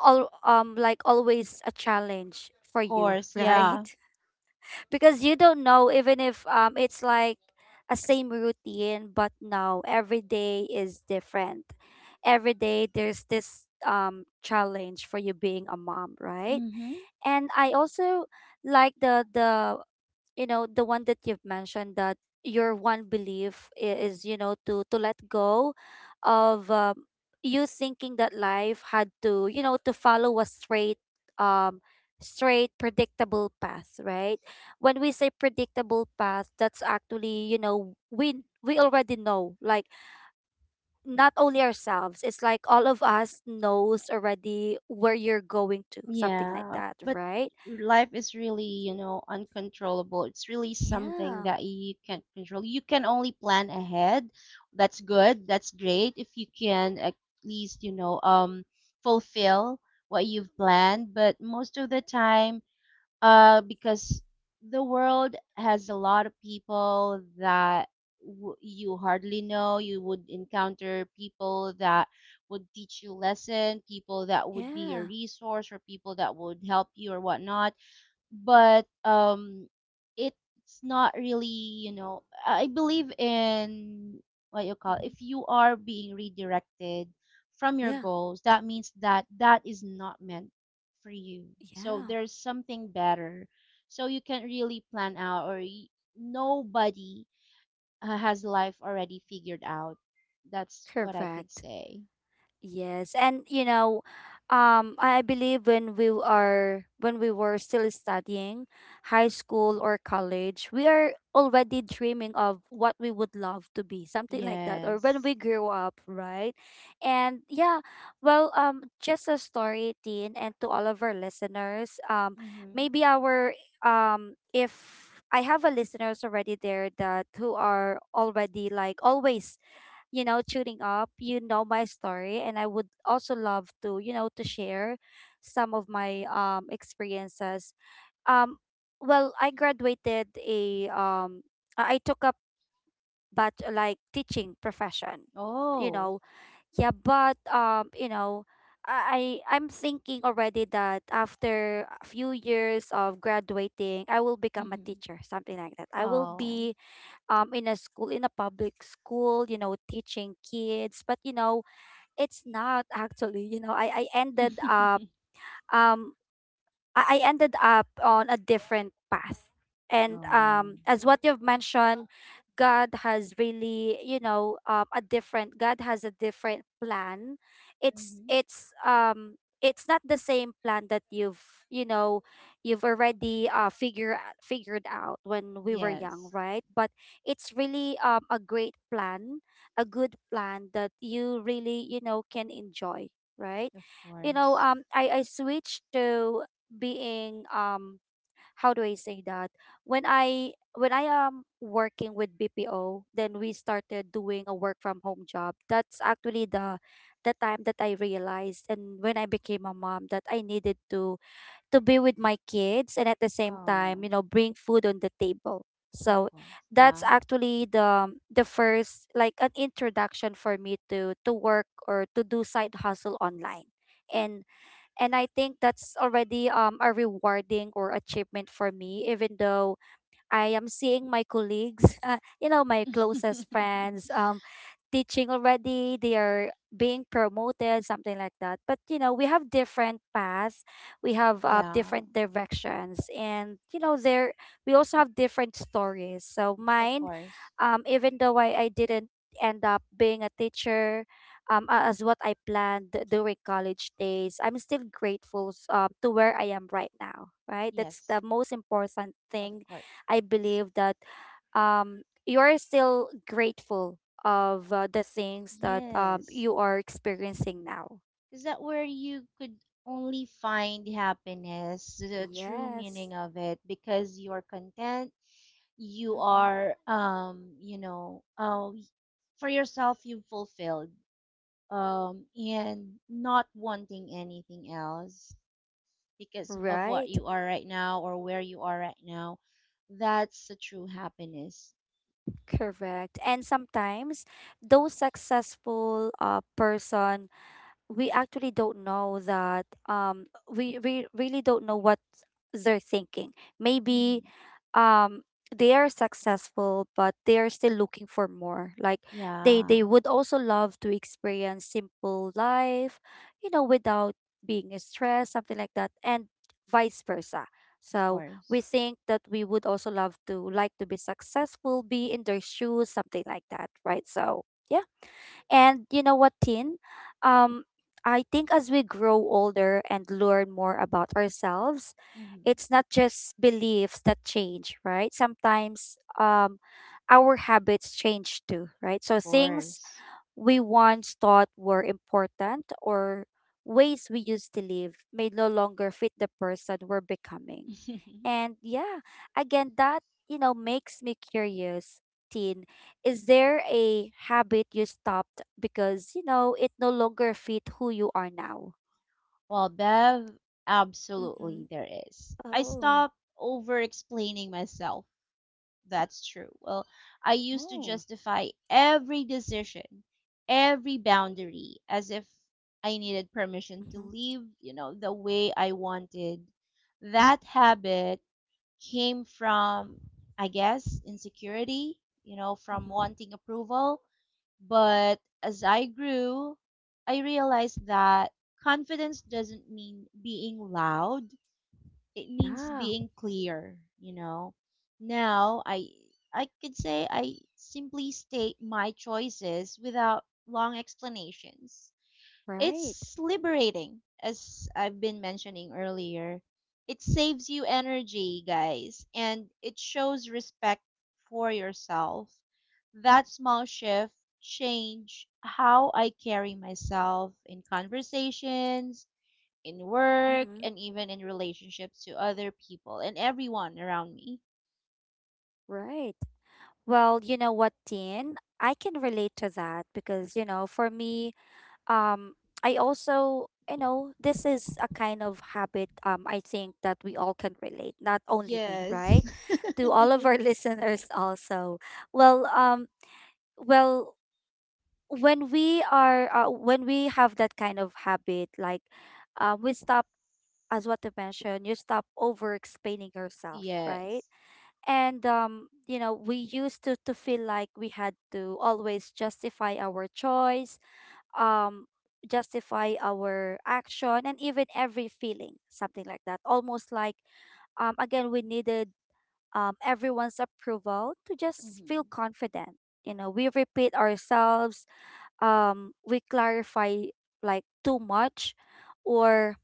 Speaker 1: all like always a challenge for
Speaker 2: Of
Speaker 1: you,
Speaker 2: course, yeah.
Speaker 1: right? Because you don't know, even if it's like a same routine, but no, every day is different. Every day there's this challenge for you being a mom, right?
Speaker 2: Mm-hmm.
Speaker 1: And I also like the you know, the one that you've mentioned, that your one belief is, you know, to let go of you thinking that life had to, you know, to follow a straight um straight predictable path, right? When we say predictable path, that's actually, you know, we already know, like, not only ourselves, it's like all of us knows already where you're going to, something like
Speaker 2: Yeah,
Speaker 1: that,
Speaker 2: but
Speaker 1: right?
Speaker 2: life is really uncontrollable. It's really something
Speaker 1: Yeah.
Speaker 2: that you can't control. You can only plan ahead. That's good. That's great if you can at least fulfill what you've planned, but most of the time because the world has a lot of people that you hardly know. You would encounter people that would teach you lesson, people that would be your
Speaker 1: Yeah.
Speaker 2: resource, or people that would help you or whatnot, but it's not really I believe in what you call,
Speaker 1: Hmm.
Speaker 2: if you are being redirected from your
Speaker 1: Yeah.
Speaker 2: goals, that means that that is not meant for you, so
Speaker 1: Yeah.
Speaker 2: there's something better. So you can not really plan out, or nobody has life already figured out. That's what I could
Speaker 1: Correct.
Speaker 2: say.
Speaker 1: Yes, and you know, I believe when we are, when we were still studying high school or college, we are already dreaming of what we would love to be, something like that, or when we
Speaker 2: Yes.
Speaker 1: grew up, right? And yeah, well, just a story, Tin, and to all of our listeners,
Speaker 2: Mhm.
Speaker 1: maybe our if I have a listeners already there that who are already like always, you know, tuning up. You know my story, and I would also love to, you know, to share some of my experiences. Um, well, I graduated a I took up but like teaching profession, you
Speaker 2: Oh.
Speaker 1: know. Yeah, but you know. I'm thinking already that after a few years of graduating, I will become a
Speaker 2: Mhm.
Speaker 1: teacher, something like that. I will
Speaker 2: Oh.
Speaker 1: be in a school, in a public school, you know, teaching kids. But you know, it's not actually. You know, I ended up um I ended up on a different path. And
Speaker 2: Oh.
Speaker 1: as what you've mentioned, God has really, you know, a different. God has a different plan. It's
Speaker 2: Hmm.
Speaker 1: it's um it's not the same plan that you've, you know, you've already figured out when we were young,
Speaker 2: Yes,
Speaker 1: right? But it's really a great plan, a good plan that you really, you know, can enjoy, right?
Speaker 2: of
Speaker 1: You know,
Speaker 2: course.
Speaker 1: I switched to being how do I say that, when I, when I am working with BPO, then we started doing a work from home job. That's actually the time that I realized, and when I became a mom, that I needed to be with my kids and at the same time, you
Speaker 2: Oh,
Speaker 1: know, bring food on the table.
Speaker 2: of
Speaker 1: So
Speaker 2: course.
Speaker 1: that's
Speaker 2: Yeah.
Speaker 1: actually the first like an introduction for me to work or to do side hustle online. and and I think that's already a rewarding or achievement for me, even though I am seeing my colleagues, you know, my closest friends, teaching already. They are being promoted, something like that. But you know, we have different paths. We have
Speaker 2: Yeah,
Speaker 1: different directions, and you know, there we also have different stories. So
Speaker 2: of
Speaker 1: mine,
Speaker 2: course.
Speaker 1: even though I didn't end up being a teacher, as what I planned during college days, I'm still grateful, to where I am right now, right? That's
Speaker 2: Yes,
Speaker 1: the most important
Speaker 2: of
Speaker 1: thing.
Speaker 2: course.
Speaker 1: I believe that you're still grateful of the things that,
Speaker 2: Yes.
Speaker 1: you are experiencing now.
Speaker 2: Is that where you could only find happiness, the true
Speaker 1: Yes.
Speaker 2: meaning of it? Because you're content, you
Speaker 1: Mm-hmm.
Speaker 2: are for yourself, you've fulfilled, and not wanting anything else, because of what
Speaker 1: Right,
Speaker 2: you are right now or where you are right now. That's the true happiness.
Speaker 1: correct. And sometimes those successful person, we actually don't know that we really don't know what they're thinking. Maybe
Speaker 2: Hmm.
Speaker 1: um they are successful, but they are still looking for more, like they
Speaker 2: Yeah,
Speaker 1: they would also love to experience simple life, you know, without being stressed, something like that, and vice versa.
Speaker 2: of
Speaker 1: So we
Speaker 2: course.
Speaker 1: think that we would also love to like to be successful, be in their shoes, something like that, right? So yeah. And you know what, Tin? Um, I think as we grow older and learn more about ourselves,
Speaker 2: Hmm. Of
Speaker 1: it's not just beliefs that change, right? Sometimes our habits change too, right? So things
Speaker 2: course.
Speaker 1: we once thought were important or ways we used to live may no longer fit the person we're becoming. And yeah, again, that, you know, makes me curious. Teen, is there a habit you stopped because, you know, it no longer fit who you are now?
Speaker 2: Well, Bev,
Speaker 1: Mm-hmm.
Speaker 2: absolutely there is. I
Speaker 1: Oh,
Speaker 2: stopped over explaining myself. That's true. Well, I used to
Speaker 1: oh,
Speaker 2: justify every decision, every boundary, as if I needed permission to
Speaker 1: mm-hmm.
Speaker 2: live, the way I wanted. That habit came from, I guess, insecurity, from
Speaker 1: Mm-hmm.
Speaker 2: wanting approval. But as I grew, I realized that confidence doesn't mean being loud, it means
Speaker 1: Yeah,
Speaker 2: being clear. Now, I could say I simply state my choices without long explanations.
Speaker 1: right.
Speaker 2: It's liberating, as I've been mentioning earlier. It saves you energy, guys, and it shows respect for yourself. That small shift changed how I carry myself in conversations, in work,
Speaker 1: Mm-hmm.
Speaker 2: and even in relationships to other people and everyone around me.
Speaker 1: Right. Well, you know what, Tin? I can relate to that because, you know, for me, um I also, you know, this is a kind of habit, I think that we all can relate, not only me,
Speaker 2: Yes.
Speaker 1: right, to all of our listeners also. Well um well when we are when we have that kind of habit, like we stop, as what you mentioned, you stop over explaining yourself, right?
Speaker 2: Yes.
Speaker 1: And you know, we used to feel like we had to always justify our choice, um justify our action and even every feeling, something like that, almost like again we needed everyone's approval to just feel
Speaker 2: Mhm.
Speaker 1: confident. You know, we repeat ourselves, we clarify like too much or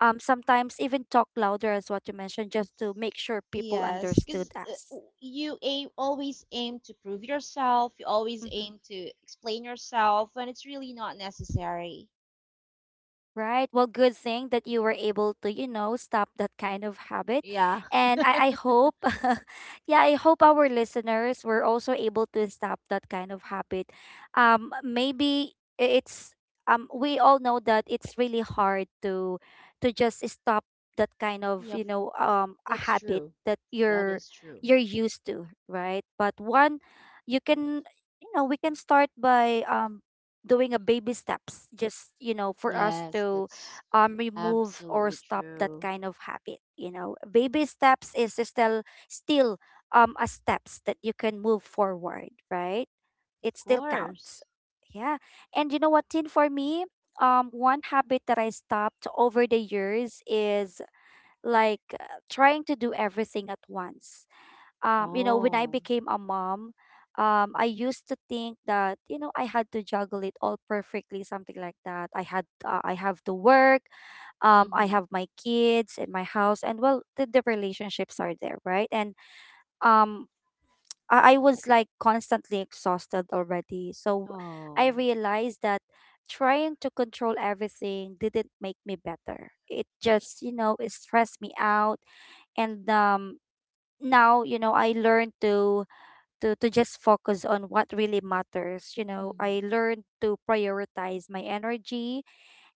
Speaker 1: sometimes even talk louder, as what you mentioned, just to make sure people
Speaker 2: Yes, because
Speaker 1: understood us.
Speaker 2: you aim always aim to prove yourself. You always
Speaker 1: Mm-hmm.
Speaker 2: aim to explain yourself when it's really not necessary.
Speaker 1: Right. Well, good thing that you were able to, you know, stop that kind of habit.
Speaker 2: Yeah,
Speaker 1: And I hope, yeah, I hope our listeners were also able to stop that kind of habit. Maybe it's, we all know that it's really hard to just stop that kind of,
Speaker 2: yeah,
Speaker 1: you know, a
Speaker 2: that's
Speaker 1: habit
Speaker 2: true.
Speaker 1: that
Speaker 2: That is true.
Speaker 1: you're used to, right? But one, you can, you know, we can start by, doing a baby steps, just you know, for us
Speaker 2: Yes,
Speaker 1: to
Speaker 2: that's
Speaker 1: remove or
Speaker 2: absolutely
Speaker 1: stop that
Speaker 2: true.
Speaker 1: kind of habit. You know, baby steps is still still a steps that you can move forward, right?
Speaker 2: Of
Speaker 1: It still counts.
Speaker 2: course.
Speaker 1: Yeah. And you know what, Tin, for me, one habit that I stopped over the years is like, trying to do everything at once. You know, when I
Speaker 2: Oh.
Speaker 1: became a mom, I used to think that you know I had to juggle it all perfectly, something like that. I had I have to work, I
Speaker 2: Mm-hmm.
Speaker 1: have my kids and my house, and well, the relationships are there, right? And um, I was like constantly exhausted already. So I
Speaker 2: Oh.
Speaker 1: realized that trying to control everything didn't make me better. It just, you know, it stressed me out. And now, you know, I learned to just focus on what really matters. You know, I
Speaker 2: Hmm.
Speaker 1: learned to prioritize my energy,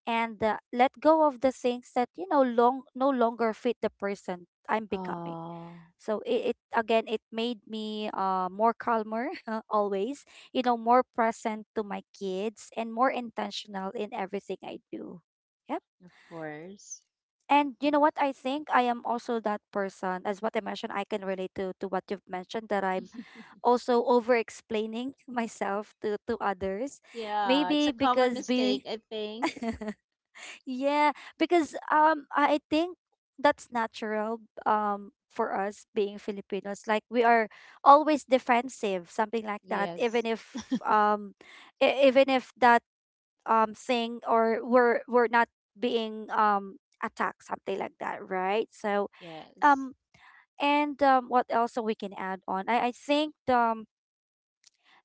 Speaker 1: and let go of the things that, you know, long no longer fit the person I'm becoming.
Speaker 2: Oh.
Speaker 1: So it again, it made me more calmer always, you know, more present to my kids, and more intentional in everything I do. Yep.
Speaker 2: Of course.
Speaker 1: And you know what, I think I am also that person. As what I mentioned, I can relate to what you've mentioned, that I'm also over explaining myself to others.
Speaker 2: Yeah, it's
Speaker 1: Maybe
Speaker 2: a common
Speaker 1: because
Speaker 2: mistake,
Speaker 1: we
Speaker 2: I think.
Speaker 1: yeah, because I think that's natural, for us being Filipinos, like we are always defensive, something like that,
Speaker 2: Yes,
Speaker 1: even if even if that thing, or we're not being attacked, something like that, right? So
Speaker 2: yes.
Speaker 1: um and what else we can add on? I think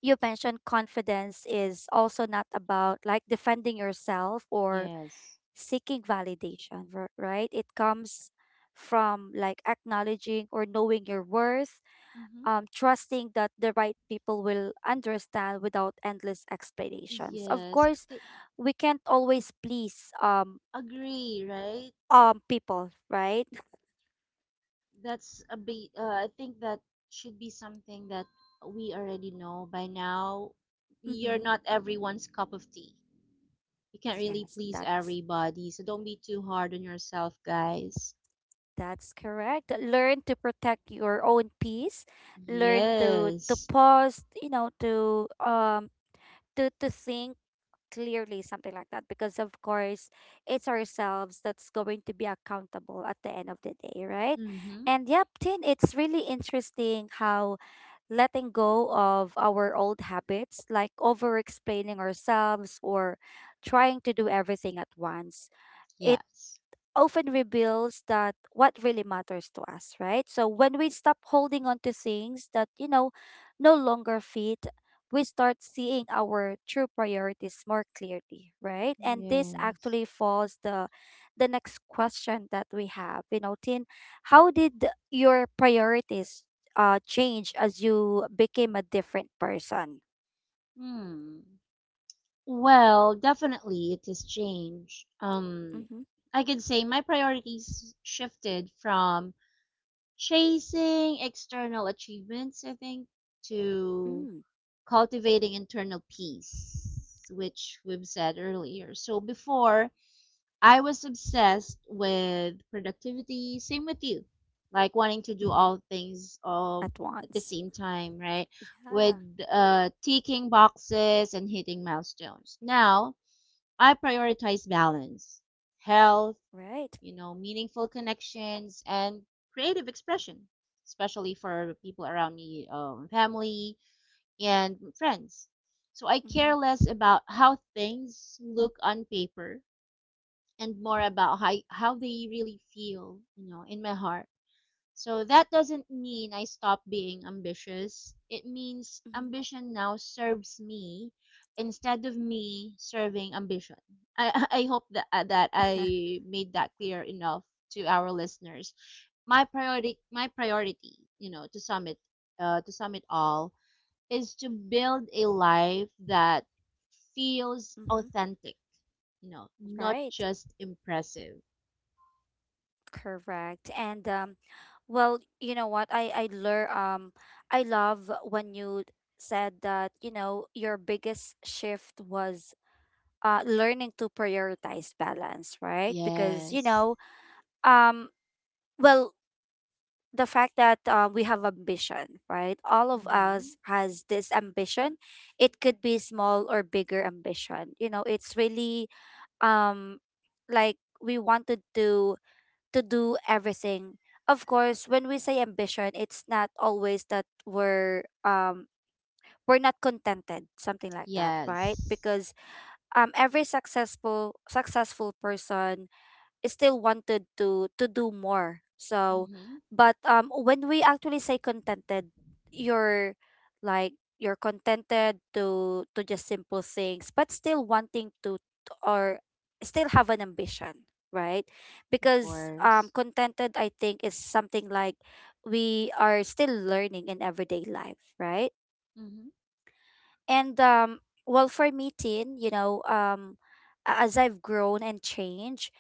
Speaker 1: you mentioned confidence is also not about like defending yourself or
Speaker 2: Yes.
Speaker 1: seeking validation, right? It comes from like acknowledging or knowing your worth,
Speaker 2: Mm-hmm.
Speaker 1: trusting that the right people will understand without endless explanations. Of
Speaker 2: Yes,
Speaker 1: course, we can't always please
Speaker 2: agree, right?
Speaker 1: people, right?
Speaker 2: That's a bit, I think that should be something that we already know by now. You're
Speaker 1: Mm-hmm.
Speaker 2: not everyone's cup of tea. You can't really
Speaker 1: Yes,
Speaker 2: please
Speaker 1: that's
Speaker 2: everybody, so don't be too hard on yourself, guys.
Speaker 1: That's correct. Learn to protect your own peace. Learn to
Speaker 2: Yes.
Speaker 1: pause, to think clearly, something like that. Because of course, it's ourselves that's going to be accountable at the end of the day, right?
Speaker 2: Mm-hmm.
Speaker 1: And yep, Tin, it's really interesting how letting go of our old habits, like over explaining ourselves or trying to do everything at once. It
Speaker 2: Yes.
Speaker 1: often reveals that what really matters to us, right? So when we stop holding on to things that no longer fit, we start seeing our true priorities more clearly, right? And this
Speaker 2: Yes.
Speaker 1: actually falls the next question that we have. You know, Tin, how did your priorities change as you became a different person?
Speaker 2: Hmm. Well, definitely it has changed.
Speaker 1: Mm-hmm.
Speaker 2: I can say my priorities shifted from chasing external achievements, I think, to
Speaker 1: Mm-hmm.
Speaker 2: cultivating internal peace, which we've said earlier. So before, I was obsessed with productivity, same with you, like wanting to do
Speaker 1: Mm-hmm.
Speaker 2: all things all
Speaker 1: At
Speaker 2: at the
Speaker 1: once.
Speaker 2: same time, right? With
Speaker 1: Yeah.
Speaker 2: ticking boxes and hitting milestones. Now, I prioritize balance, health,
Speaker 1: Right.
Speaker 2: you know, meaningful connections, and creative expression, especially for people around me, family and friends. So I
Speaker 1: Mm-hmm.
Speaker 2: care less about how things look on paper and more about how they really feel, in my heart. So that doesn't mean I stop being ambitious. It means
Speaker 1: Mm-hmm.
Speaker 2: ambition now serves me instead of me serving ambition. I I hope that I made that clear enough to our listeners. My priority, you know, to sum it to sum it all, is to build a life that feels
Speaker 1: Mm-hmm.
Speaker 2: authentic, not
Speaker 1: Right.
Speaker 2: just impressive.
Speaker 1: Correct. And Well, you know what? I learn I love when you said that, you know, your biggest shift was learning to prioritize balance, right? Because, you
Speaker 2: Yes.
Speaker 1: know, um well, the fact that we have ambition, right? All of
Speaker 2: Mhm.
Speaker 1: us has this ambition. It could be small or bigger ambition. You know, it's really um like we wanted to do everything. Of course, when we say ambition, it's not always that we're not contented, something like that,
Speaker 2: Yes.
Speaker 1: right? Because every successful person still wanted to do more. So,
Speaker 2: Mm-hmm.
Speaker 1: but when we actually say contented, you're like you're contented to just simple things, but still wanting to t- or still have an ambition, right?
Speaker 2: Of
Speaker 1: Because
Speaker 2: course.
Speaker 1: contented, I think, is something like we are still learning in everyday life, right?
Speaker 2: Mm-hmm.
Speaker 1: And um, for me, teen, you know, as I've grown and changed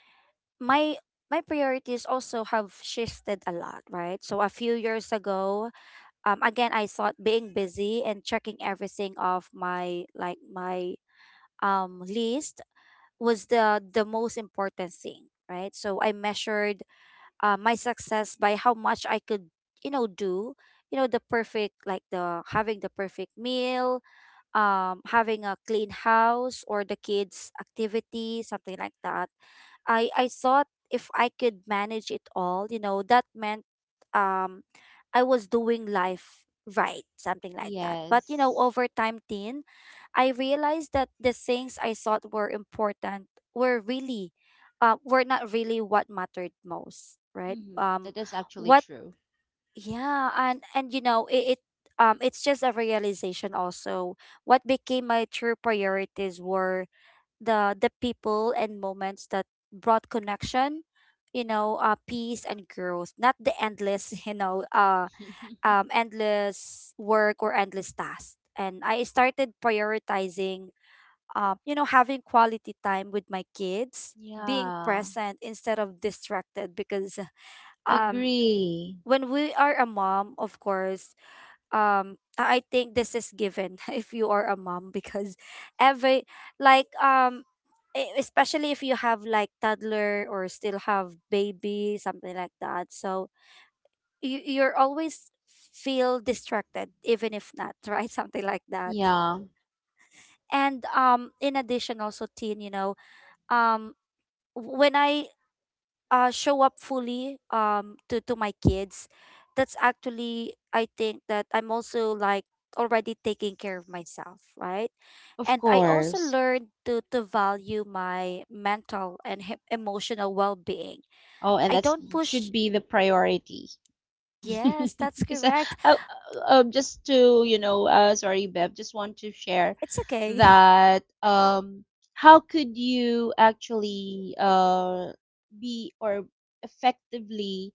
Speaker 1: my my priorities also have shifted a lot, right? So a few years ago, again I thought being busy and checking everything off my list was the most important thing, right? So I measured my success by how much I could, you know, do, you know, the perfect like the having the perfect meal, having a clean house or the kids' activity, something like that. I thought if I could manage it all, you know, that meant um I was doing life right, something like that. But you know,
Speaker 2: Yes.
Speaker 1: over time, Tin, I realized that the things I thought were important were really were not really what mattered most, right?
Speaker 2: Mm-hmm. That is actually
Speaker 1: What
Speaker 2: true.
Speaker 1: yeah, and it's just a realization also what became my true priorities were the people and moments that brought connection, you know, peace and growth, not the endless endless work or endless tasks. And I started prioritizing, you know, having quality time with my kids, being
Speaker 2: Yeah.
Speaker 1: present instead of distracted. Because um
Speaker 2: Agree.
Speaker 1: when we are a mom, of course, I think this is given if you are a mom, because every like um especially if you have like toddler or still have baby, something like that. So you you're always feel distracted even if not, right? Something like that.
Speaker 2: Yeah.
Speaker 1: And in addition also, teen, you know, um when I show up fully to my kids, that's actually, I think, that I'm also like already taking care of myself, right?
Speaker 2: Of
Speaker 1: And I also
Speaker 2: course.
Speaker 1: learned to value my mental and emotional well-being.
Speaker 2: Oh, and
Speaker 1: I
Speaker 2: that's
Speaker 1: don't push.
Speaker 2: should be the priority.
Speaker 1: Yes, that's
Speaker 2: Because
Speaker 1: correct.
Speaker 2: how, just to sorry, Bev, just want to share
Speaker 1: It's okay.
Speaker 2: that how could you actually be or effectively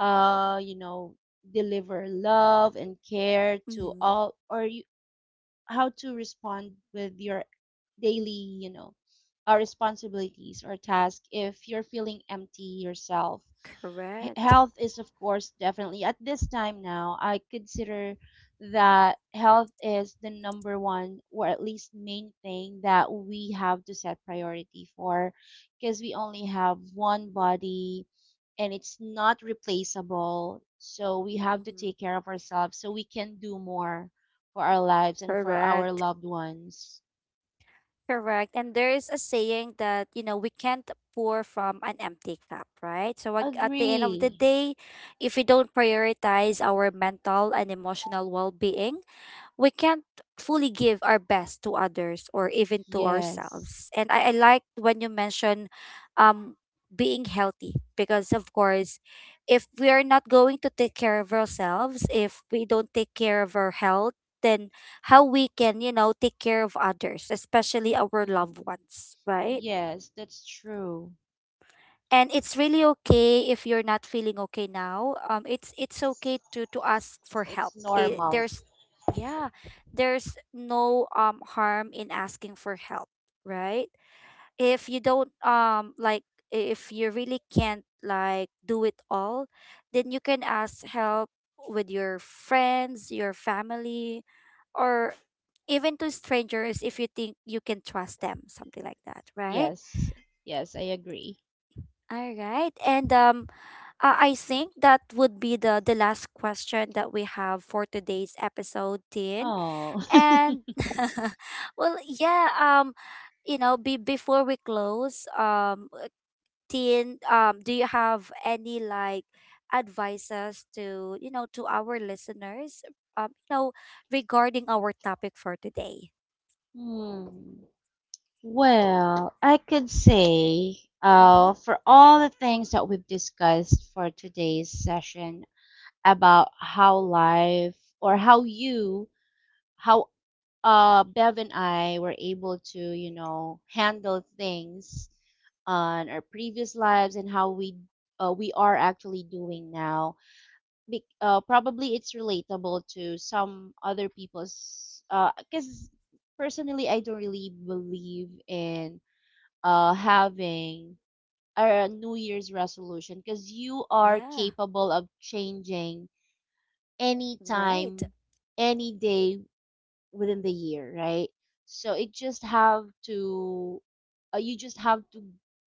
Speaker 2: uh, you know, deliver love and care to
Speaker 1: Hmm.
Speaker 2: all, or you, how to respond with your daily, responsibilities or task if you're feeling empty yourself.
Speaker 1: Correct.
Speaker 2: Health is, of course, definitely at this time now, I consider that health is the number one, or at least main thing, that we have to set priority for, because we only have one body and it's not replaceable. So we have to take
Speaker 1: Hmm.
Speaker 2: care of ourselves so we can do more for our lives and for our
Speaker 1: Correct.
Speaker 2: loved ones.
Speaker 1: Correct. And there is a saying that, you know, we can't pour from an empty cup, right? So at the end of the
Speaker 2: Agree.
Speaker 1: day, if we don't prioritize our mental and emotional well being, we can't fully give our best to others or even to
Speaker 2: Yes.
Speaker 1: ourselves. And I like when you mention um being healthy, because of course if we are not going to take care of ourselves, if we don't take care of our health, then how we can, you know, take care of others, especially our loved
Speaker 2: Hmm.
Speaker 1: ones, right?
Speaker 2: Yes, that's true.
Speaker 1: And it's really okay if you're not feeling okay now. It's okay to ask for help.
Speaker 2: It's
Speaker 1: It,
Speaker 2: normal.
Speaker 1: there's yeah, there's no harm in asking for help, right? If you don't if you really can't like do it all, then you can ask help with your friends, your family, or even to strangers if you think you can trust them, something like that, right?
Speaker 2: Yes. Yes, I agree.
Speaker 1: All right. And I think that would be the last question that we have for today's episode, Tin.
Speaker 2: Oh.
Speaker 1: And well, yeah, you know, be before we close, Tin, do you have any like advices to, you know, to our listeners, you know, regarding our topic for today?
Speaker 2: Hmm. Well, I could say
Speaker 1: Mm-hmm.
Speaker 2: for all the things that we've discussed for today's session, about how life or how you, how Bev and I were able to handle things on our previous lives, and how we are actually doing now. Probably it's relatable to some other people's. Because personally, I don't really believe in having a New Year's resolution, because you are
Speaker 1: Yeah.
Speaker 2: capable of changing any
Speaker 1: Right.
Speaker 2: time, any day within the year, right? So it just have to, you just have to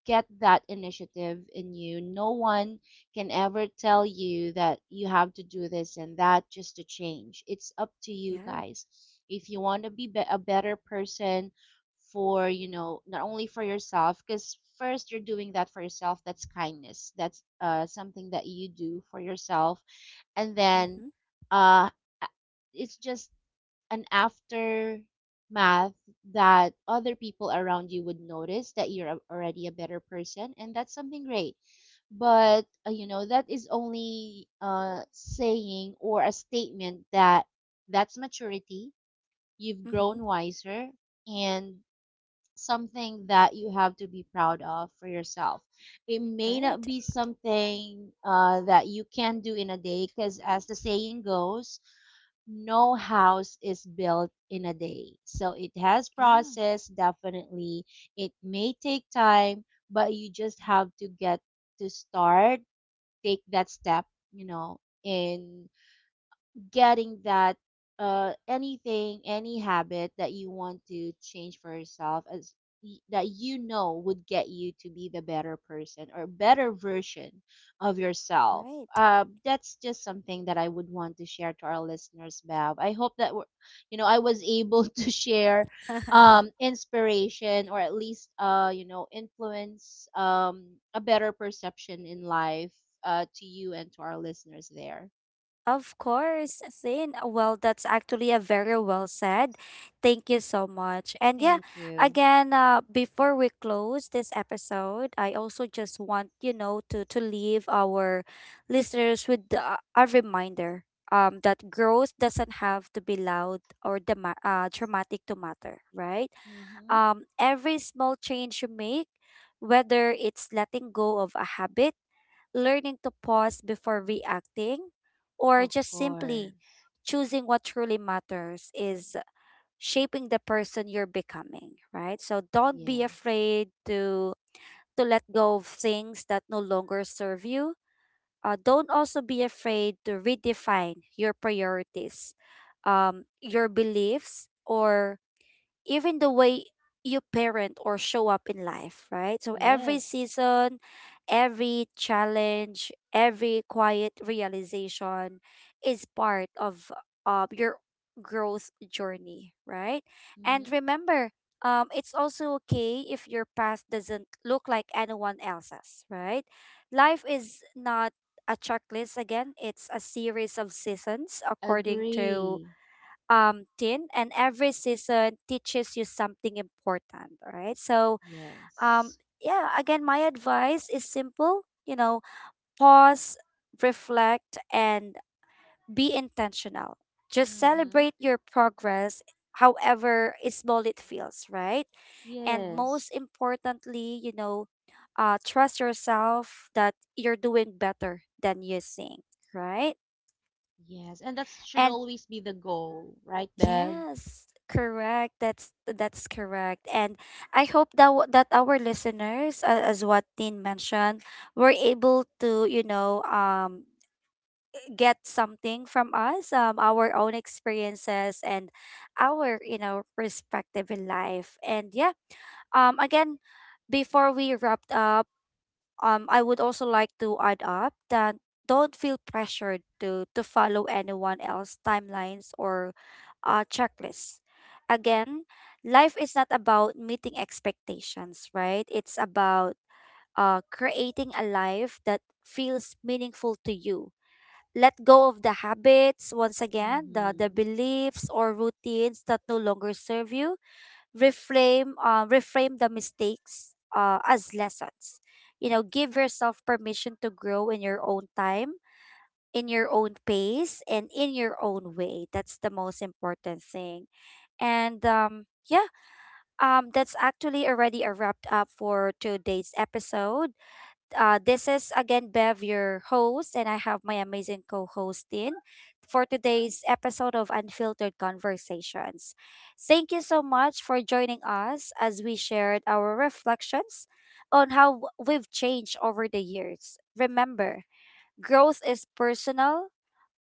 Speaker 2: get that initiative in you. No one can ever tell you that you have to do this and that just to change. It's up to you
Speaker 1: Yeah.
Speaker 2: guys. If you want to be a better person for, not only for yourself, because first you're doing that for yourself, that's kindness. That's something that you do for yourself, and then
Speaker 1: Mm-hmm.
Speaker 2: uh a- it's just an aftermath that other people around you would notice that you're already a better person, and that's something great. But you know that is only saying, or a statement, that that's maturity. You've
Speaker 1: Mm-hmm.
Speaker 2: grown wiser, and something that you have to be proud of for yourself. It may not
Speaker 1: Right.
Speaker 2: be something that you can do in a day because, as the saying goes, no house is built in a day. So it has
Speaker 1: Yeah,
Speaker 2: process, definitely. It may take time, but you just have to get to start, take that step, in getting that any habit that you want to change for yourself, as that would get you to be the better person or better version of yourself.
Speaker 1: right.
Speaker 2: That's just something that I would want to share to our listeners, Bev. I hope that we're, you know I was able to share inspiration, or at least influence a better perception in life to you and to our listeners there.
Speaker 1: Of course, Sin. Well, that's actually a very well said. Thank you so much. And yeah,
Speaker 2: Thank you.
Speaker 1: again, before we close this episode, I also just want, you know, to leave our listeners with a reminder that growth doesn't have to be loud or dramatic to matter, right?
Speaker 2: Mm-hmm.
Speaker 1: Every small change you make, whether it's letting go of a habit, learning to pause before reacting, or
Speaker 2: Of
Speaker 1: just simply
Speaker 2: course.
Speaker 1: choosing what truly matters, is shaping the person you're becoming, right? So don't be
Speaker 2: Yes.
Speaker 1: afraid to let go of things that no longer serve you. Don't also be afraid to redefine your priorities, your beliefs, or even the way you parent or show up in life, right? So every
Speaker 2: Yes.
Speaker 1: season, every challenge, every quiet realization is part of your growth journey, right? And
Speaker 2: Mm-hmm.
Speaker 1: remember, it's also okay if your path doesn't look like anyone else's, right? Life is not a checklist. Again, it's a series of seasons according to,
Speaker 2: Agree.
Speaker 1: tin, and every season teaches you something important. All right? So, um,
Speaker 2: Yes.
Speaker 1: yeah, again, my advice is simple, you know, pause, reflect, and be intentional. Just
Speaker 2: Mm-hmm.
Speaker 1: celebrate your progress, however small it feels, right? And
Speaker 2: Yes.
Speaker 1: most importantly, you know, trust yourself that you're doing better than you think, right?
Speaker 2: Yes. And that should
Speaker 1: And
Speaker 2: always be the goal, right, Bev?
Speaker 1: yes, correct. That's correct. And I hope that that our listeners, as what Tin mentioned, were able to, you know, get something from us, our own experiences and our, you know, perspective in life. And yeah, again, before we wrap up, I would also like to add up that don't feel pressured to follow anyone else timelines or checklists. Again, life is not about meeting expectations, right? It's about creating a life that feels meaningful to you. Let go of the habits once again, the
Speaker 2: Mm-hmm.
Speaker 1: beliefs or routines that no longer serve you. Reframe reframe the mistakes as lessons. You know, give yourself permission to grow in your own time, in your own pace, and in your own way. That's the most important thing. And yeah, that's actually already a wrapped up for today's episode. This is again Bev, your host, and I have my amazing co host in for today's episode of Unfiltered Conversations. Thank you so much for joining us as we shared our reflections on how we've changed over the years. Remember, growth is personal,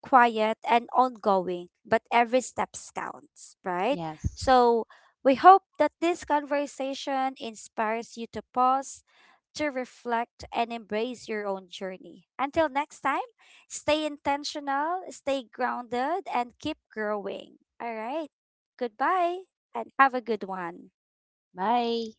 Speaker 1: quiet, and ongoing, but every step counts, right?
Speaker 2: Yes.
Speaker 1: So we hope that this conversation inspires you to pause, to reflect, and embrace your own journey. Until next time, stay intentional, stay grounded, and keep growing. All right. Goodbye, and have a good one.
Speaker 2: Bye.